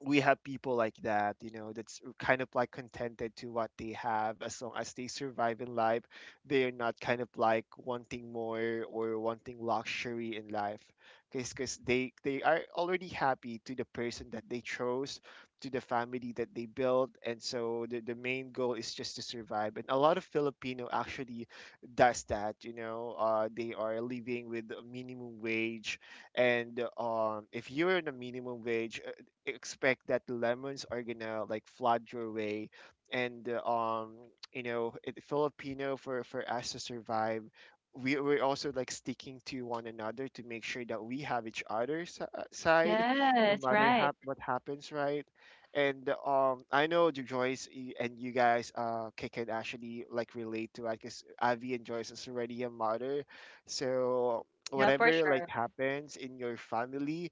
Speaker 1: We have people like that, you know, that's kind of like contented to what they have, as long as they survive in life. They're not kind of like wanting more or wanting luxury in life, because they are already happy to the person that they chose, to the family that they built. And so the main goal is just to survive. And a lot of Filipino actually does that, you know. They are living with a minimum wage, and, if you're in a minimum wage, expect that lemons are gonna like flood your way, and you know, it, Filipino, for us to survive, we're also like sticking to one another to make sure that we have each other's side, no
Speaker 2: Yes,
Speaker 1: matter
Speaker 2: right.
Speaker 1: what happens, right? And, I know, Joyce, and you guys can actually like relate to it, because Avi and Joyce is already a mother. So
Speaker 2: Yeah, for
Speaker 1: whatever like
Speaker 2: sure.
Speaker 1: happens in your family,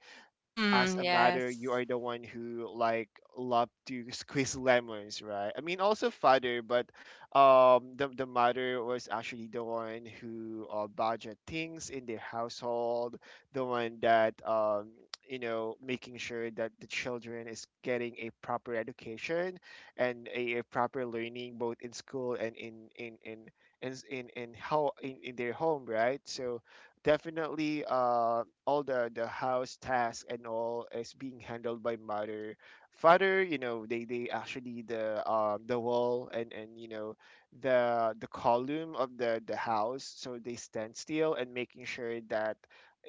Speaker 1: as
Speaker 3: mm,
Speaker 1: a mother, you
Speaker 3: yes.
Speaker 1: are the one who like love to squeeze lemons, right? I mean, also father. But, the mother was actually the one who, budget things in the household, the one that, you know, making sure that the children is getting a proper education and a proper learning, both in school and in their home, right? So definitely all the house tasks and all is being handled by mother. Father, you know, they actually the wall, and you know, the column of the house, so they stand still and making sure that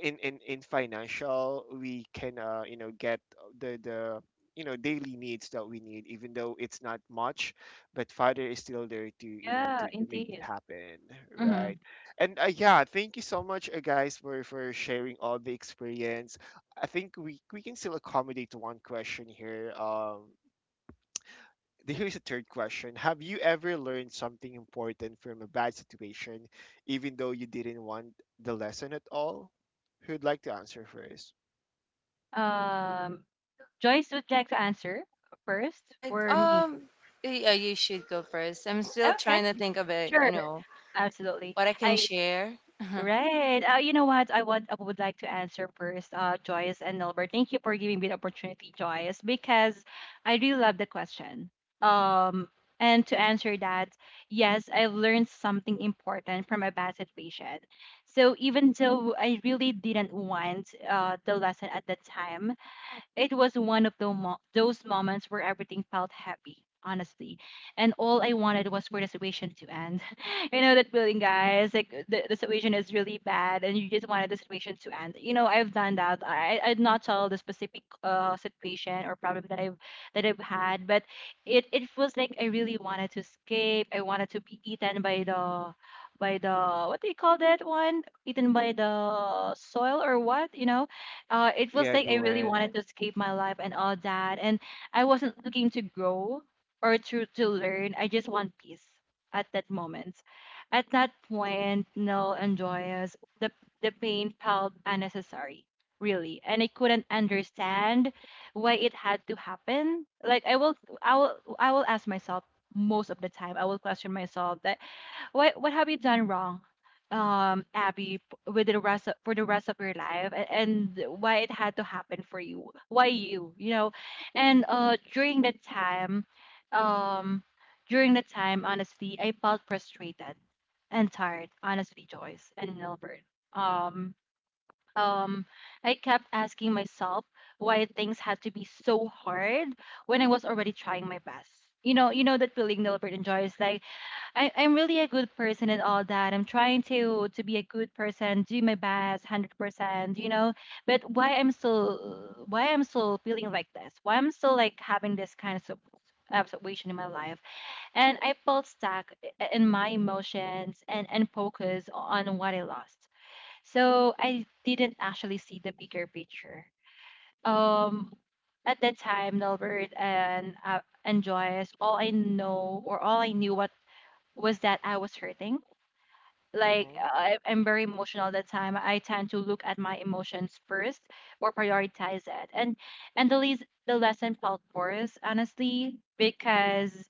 Speaker 1: in financial, we can, you know, get the, you know, daily needs that we need, even though it's not much. But father is still there to, you know,
Speaker 2: Yeah,
Speaker 1: to, make it
Speaker 2: indeed.
Speaker 1: happen,
Speaker 2: Mm-hmm.
Speaker 1: right? And, yeah, thank you so much, guys, for sharing all the experience. I think we can still accommodate one question here. Here's a third question: Have you ever learned something important from a bad situation, even though you didn't want the lesson at all? Who'd like to answer first?
Speaker 2: Um, Joyce, would you like to answer
Speaker 3: All
Speaker 2: first
Speaker 3: right.
Speaker 2: or me?
Speaker 3: Yeah, you should go first. I'm still
Speaker 2: Okay,
Speaker 3: trying to think of it. You
Speaker 2: sure,
Speaker 3: know
Speaker 2: absolutely.
Speaker 3: what I can
Speaker 2: I
Speaker 3: share.
Speaker 2: Right. You know what? I would like to answer first, Joyce and Albert. Thank you for giving me the opportunity, Joyce, because I really love the question. Um, and to answer that, yes, I've learned something important from a bad situation. So even though I really didn't want the lesson at the time, it was one of those moments where everything felt happy, honestly. And all I wanted was for the situation to end. You know that feeling, guys? Like the situation is really bad and you just wanted the situation to end. You know, I've done that. I'd not tell the specific situation or problem that I've had, but it feels like I really wanted to escape. I wanted to be eaten by the what do you call that one? Eaten by the soil or what? You know? It was
Speaker 1: Yeah,
Speaker 2: like
Speaker 1: the
Speaker 2: I really
Speaker 1: land.
Speaker 2: wanted to escape my life and all that, and I wasn't looking to grow or to learn. I just want peace at that moment. At that point, Nell and Joyous, the pain felt unnecessary, really, and I couldn't understand why it had to happen. I will ask myself most of the time. I will question myself that what have you done wrong, Abby, with the rest of, for the rest of your life, and why it had to happen for you? Why you? You know, and um, during that time, honestly, I felt frustrated and tired. Honestly, Joyce and Nilbert. Um, um, I kept asking myself why things had to be so hard when I was already trying my best. You know that feeling, Nilbert and Joyce, like I, I'm really a good person and all that. I'm trying to be a good person, do my best, 100%, you know. But why I'm still feeling like this? Why I'm still like having this kind of situation in my life? And I felt stuck in my emotions and focus on what I lost. So I didn't actually see the bigger picture. Um, at that time, Nelbert and and Joyce, all I knew what was that I was hurting like
Speaker 1: Mm-hmm.
Speaker 2: I, I'm very emotional at the time. I tend to look at my emotions first or prioritize it, and the lesson felt worse, honestly, because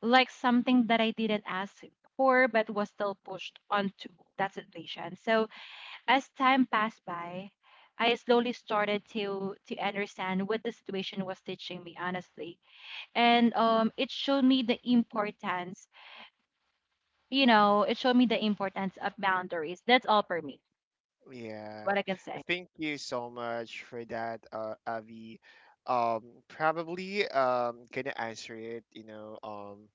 Speaker 2: like something that I didn't ask for but was still pushed onto that situation. So as time passed by, I slowly started to understand what the situation was teaching me, honestly. And it showed me the importance, you know, it showed me the importance of boundaries. That's all for me
Speaker 1: Yeah.
Speaker 2: what I can say.
Speaker 1: Thank you so much for that, Avi. Probably gonna answer it. You know, um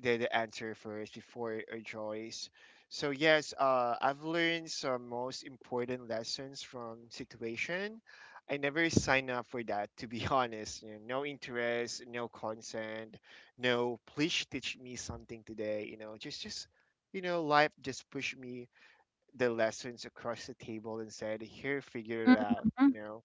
Speaker 1: the, the answer first before, Joyce. So yes, I've learned some most important lessons from situation. I never sign up for that, to be honest. You know, no interest, no consent, no please teach me something today. You know, just you know, life just pushed me the lessons across the table and said, "Here, figure it out." You
Speaker 2: Mhm.
Speaker 1: know,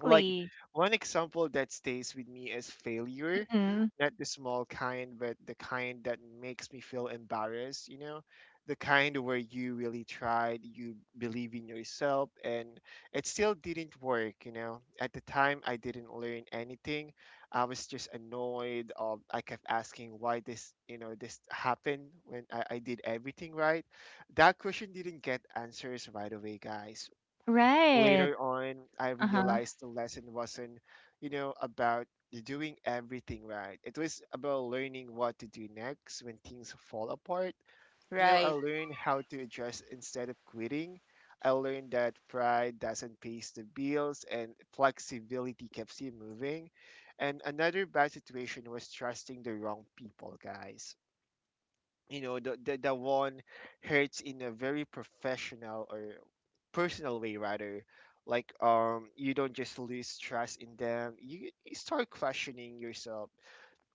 Speaker 1: like, one example that stays with me is failure,
Speaker 2: Hmm.
Speaker 1: not the small kind, but the kind that makes me feel embarrassed, you know, the kind where you really tried, you believe in yourself, and it still didn't work. You know, at the time I didn't learn anything, I was just annoyed of, I kept asking why this, you know, this happened when, I did everything right. That question didn't get answers right away, guys.
Speaker 2: Right.
Speaker 1: Later on, I
Speaker 2: Uh-huh.
Speaker 1: realized the lesson wasn't, you know, about doing everything right. It was about learning what to do next when things fall apart. You know, I
Speaker 3: Right.
Speaker 1: learned how to adjust instead of quitting. I learned that pride doesn't pay the bills and flexibility keeps you moving. And another bad situation was trusting the wrong people, guys. You know, the one hurts in a very professional or personal way, rather. Like, you don't just lose trust in them, you start questioning yourself,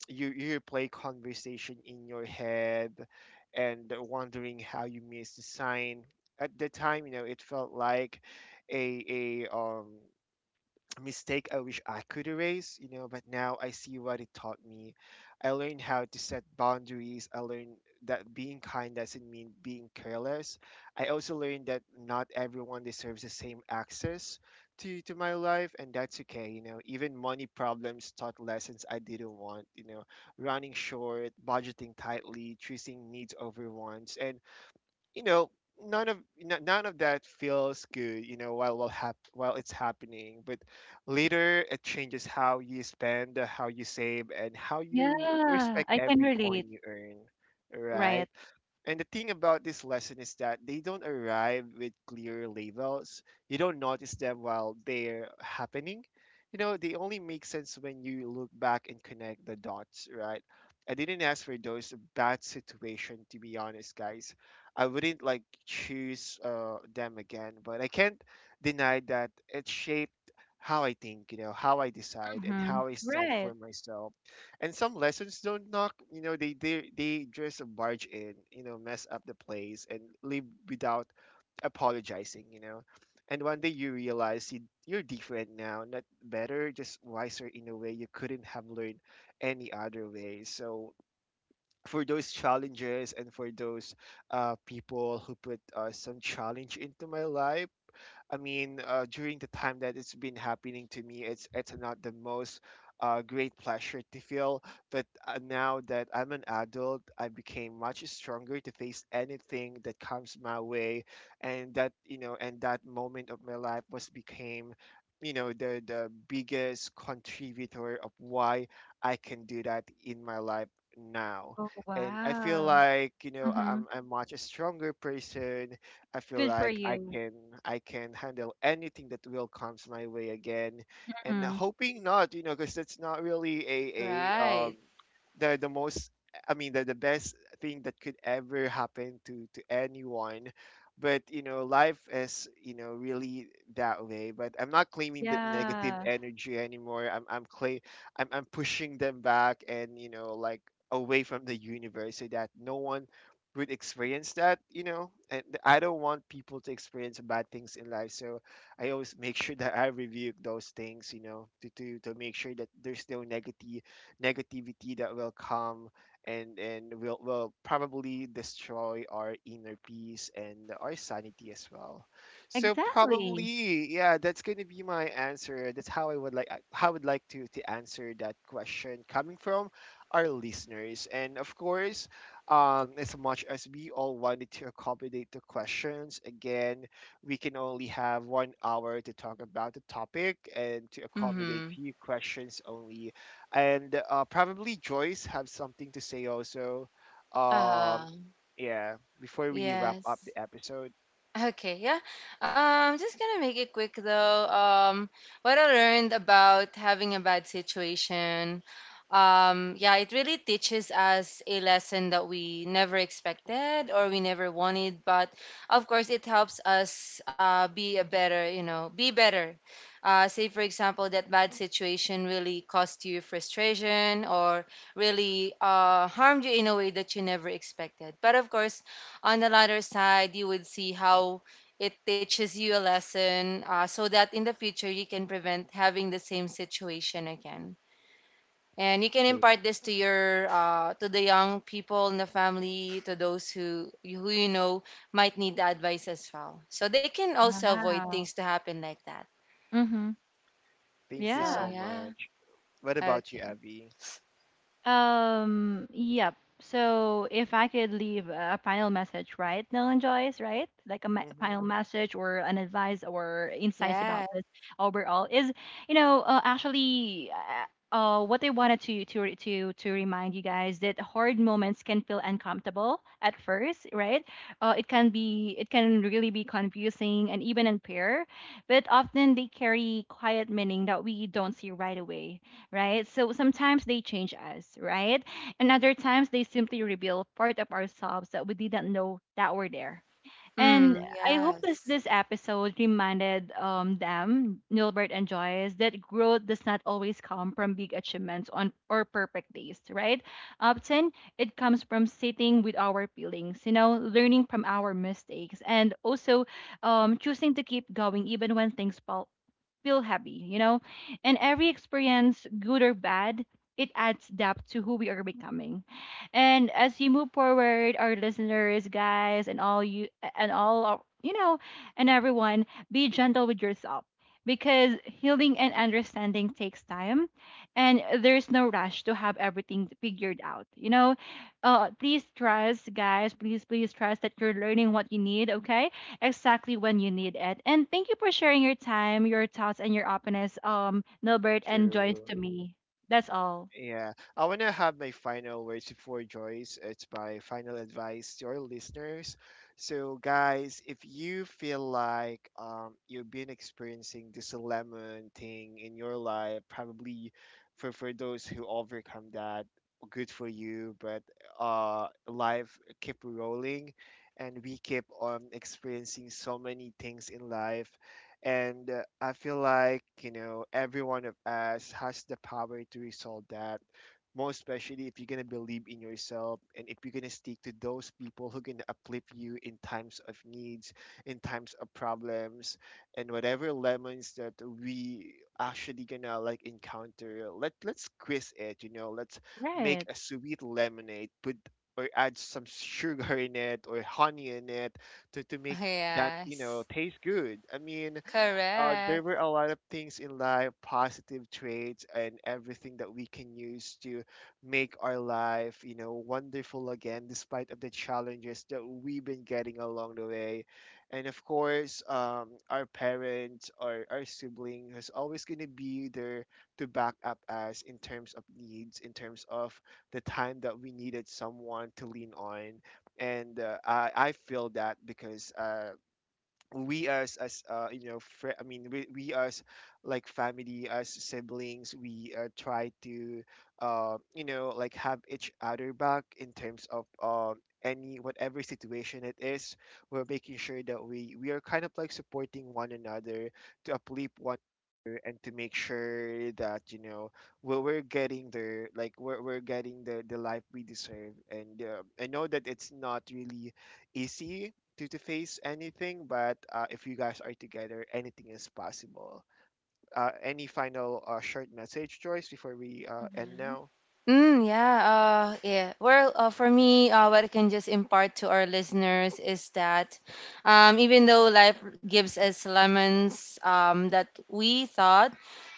Speaker 1: you play conversation in your head and wondering how you missed the sign. At the time, you know, it felt like a mistake I wish I could erase, you know, but now I see what it taught me. I learned how to set boundaries. I learned that being kind doesn't mean being careless. I also learned that not everyone deserves the same access to, my life, and that's okay, you know. Even money problems taught lessons I didn't want, you know: running short, budgeting tightly, choosing needs over wants. And, you know, none of none of that feels good, you know, while while it's happening, but later it changes how you spend, how you save, and how you
Speaker 2: Yeah,
Speaker 1: respect
Speaker 2: I can
Speaker 1: every coin
Speaker 2: relate.
Speaker 1: you earn, right?
Speaker 2: Right.
Speaker 1: And the thing about this lesson is that they don't arrive with clear labels. You don't notice them while they're happening. You know, they only make sense when you look back and connect the dots, right? I didn't ask for those bad situation, to be honest, guys. I wouldn't like choose them again, but I can't deny that it shaped how I think, you know, how I decide, and
Speaker 2: Mm-hmm.
Speaker 1: how I stand for
Speaker 2: Right.
Speaker 1: myself. And some lessons don't knock, you know, they just barge in, you know, mess up the place and leave without apologizing, you know. And one day you realize, you're different now, not better, just wiser, in a way you couldn't have learned any other way. So for those challenges, and for those people who put some challenge into my life, I mean, during the time that it's been happening to me, it's not the most great pleasure to feel. But, now that I'm an adult, I became much stronger to face anything that comes my way, and that, you know, and that moment of my life was became, you know, the biggest contributor of why I can do that in my life now.
Speaker 2: Oh
Speaker 1: And I feel
Speaker 2: wow.
Speaker 1: like, you know,
Speaker 2: Mm-hmm.
Speaker 1: I'm much a stronger person. I feel
Speaker 2: Good for
Speaker 1: like I
Speaker 2: you.
Speaker 1: can, I can handle anything that will comes my way again, and
Speaker 2: Mm-hmm.
Speaker 1: hoping not, you know, because that's not really a
Speaker 3: Right.
Speaker 1: the most, I mean, the best thing that could ever happen to anyone. But, you know, life is, you know, really that way. But I'm not claiming that negative
Speaker 2: Yeah.
Speaker 1: energy anymore. I'm claim, I'm pushing them back, and, you know, like, away from the universe, so that no one would experience that, you know. And I don't want people to experience bad things in life. So I always make sure that I rebuke those things, you know, to, to make sure that there's no negative negativity that will come, and will probably destroy our inner peace and our sanity as well. So
Speaker 2: Exactly.
Speaker 1: probably, yeah, that's gonna be my answer. That's how I would like, how I would like to answer that question coming from our listeners. And of course, as much as we all wanted to accommodate the questions, again, we can only have one hour to talk about the topic and to accommodate
Speaker 3: Mm-hmm.
Speaker 1: few questions only. And probably Joyce have something to say also. Um,
Speaker 3: Ah,
Speaker 1: yeah, before we wrap up
Speaker 3: yes.
Speaker 1: the episode,
Speaker 3: Okay, yeah. Just gonna make it quick though. What I learned about having a bad situation, yeah, it really teaches us a lesson that we never expected or we never wanted. But of course, it helps us be a better, be better. Say for example that bad situation really caused you frustration or really harmed you in a way that you never expected. But of course on the latter side, you would see how it teaches you a lesson so that in the future you can prevent having the same situation again. And you can impart this to your to the young people in the family, to those who you know might need the advice as well. So they can also avoid things
Speaker 2: Wow.
Speaker 3: to happen like that.
Speaker 2: Mm-hmm.
Speaker 1: thank you
Speaker 3: So
Speaker 1: so
Speaker 2: Yeah.
Speaker 3: yeah,
Speaker 1: much. What about you,
Speaker 3: okay,
Speaker 1: Abby?
Speaker 2: Yep. So if I could leave a final message, right, Nolan Joyce, right? Like
Speaker 1: Hmm.
Speaker 2: final message or an advice or insights
Speaker 3: yeah,
Speaker 2: about this overall is, you know, what I wanted to re- to remind you guys that hard moments can feel uncomfortable at first, right? It can be, it can really be confusing and even unfair, but often they carry quiet meaning that we don't see right away, right? So sometimes they change us, right? And other times they simply reveal part of ourselves that we didn't know that were there. And
Speaker 3: mm,
Speaker 2: I hope this
Speaker 3: yes,
Speaker 2: this episode reminded them, Nilbert and Joyce, that growth does not always come from big achievements on or perfect days, right? Often it comes from sitting with our feelings, you know, learning from our mistakes, and also choosing to keep going even when things fall feel heavy, you know? And every experience, good or bad, it adds depth to who we are becoming. And as you move forward, our listeners, guys, and all you and all of- you know, and everyone, be gentle with yourself because healing and understanding takes time and there's no rush to have everything figured out. You know, please trust, guys. Please, please trust that you're learning what you need. Okay, exactly when you need it. And thank you for sharing your time, your thoughts, and your openness, Nilbert and Joyce,
Speaker 1: True.
Speaker 2: to me. That's all.
Speaker 1: Yeah, I want to have my final words before Joyce. It's my final advice to our listeners. So, guys, if you feel like, you've been experiencing this lemon thing in your life, probably for those who overcome that, good for you. But, life keep rolling, and we keep on experiencing so many things in life. And, I feel like, you know, every one of us has the power to resolve that, more especially if you're going to believe in yourself, and if you're going to stick to those people who can uplift you in times of needs, in times of problems. And whatever lemons that we actually gonna like encounter, let's squeeze it, you know, let's make
Speaker 2: Right.
Speaker 1: a sweet lemonade, put or add some sugar in it, or honey in it, to, make that, you know,
Speaker 3: yes,
Speaker 1: taste good. I mean,
Speaker 3: correct.
Speaker 1: there were a lot of things in life, positive traits and everything, that we can use to make our life, you know, wonderful again, despite of the challenges that we've been getting along the way. And of course, our parents or our sibling is always going to be there to back up us in terms of needs, in terms of the time that we needed someone to lean on. And, I feel that because, we as you know, I mean, we, as like family, as siblings, we try to, you know, like, have each other back in terms of, any whatever situation it is, we're making sure that we are kind of like supporting one another, to uplift one another, and to make sure that, you know, we're getting the, like, we're getting the life we deserve. And, I know that it's not really easy to, face anything. But, if you guys are together, anything is possible. Any final, short message, Joyce, before we end
Speaker 2: Mm-hmm.
Speaker 1: now?
Speaker 3: Mm, yeah, yeah. Well, for me, what I can just impart to our listeners is that even though life gives us lemons that we thought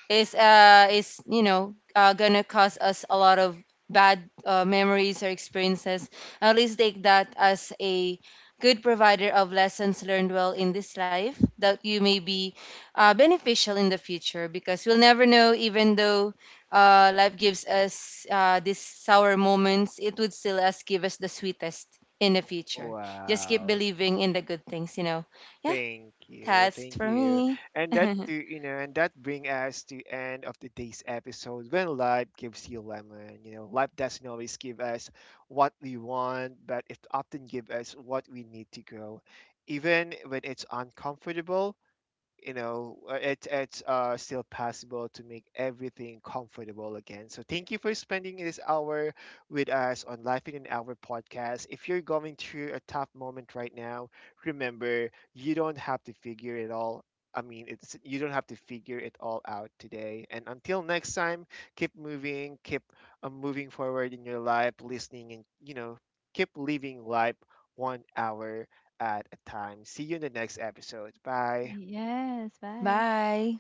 Speaker 3: is gonna cause us a lot of bad memories or experiences, at least take that as a good provider of lessons learned well in this life that you may be beneficial in the future because we'll never know. Even though life gives us these sour moments, it would still us give us the sweetest in the future. Just keep
Speaker 1: Wow.
Speaker 3: believing in the good things. Yeah,
Speaker 1: Thank you.
Speaker 3: that's
Speaker 1: Thank
Speaker 3: for
Speaker 1: you.
Speaker 3: me.
Speaker 1: And that to, you know, and that bring us to end of today's episode, when life gives you lemon. You know, life doesn't always give us what we want, but it often gives us what we need to grow. Even when it's uncomfortable, you know, it's, still possible to make everything comfortable again. So thank you for spending this hour with us on Life in an Hour podcast. If you're going through a tough moment right now, remember, you don't have to figure it all, I mean, it's you don't have to figure it all out today. And until next time, keep moving, keep moving forward in your life, listening, and, you know, keep living life one hour at a time. See you in the next episode. Bye.
Speaker 2: Yes. Bye.
Speaker 3: Bye.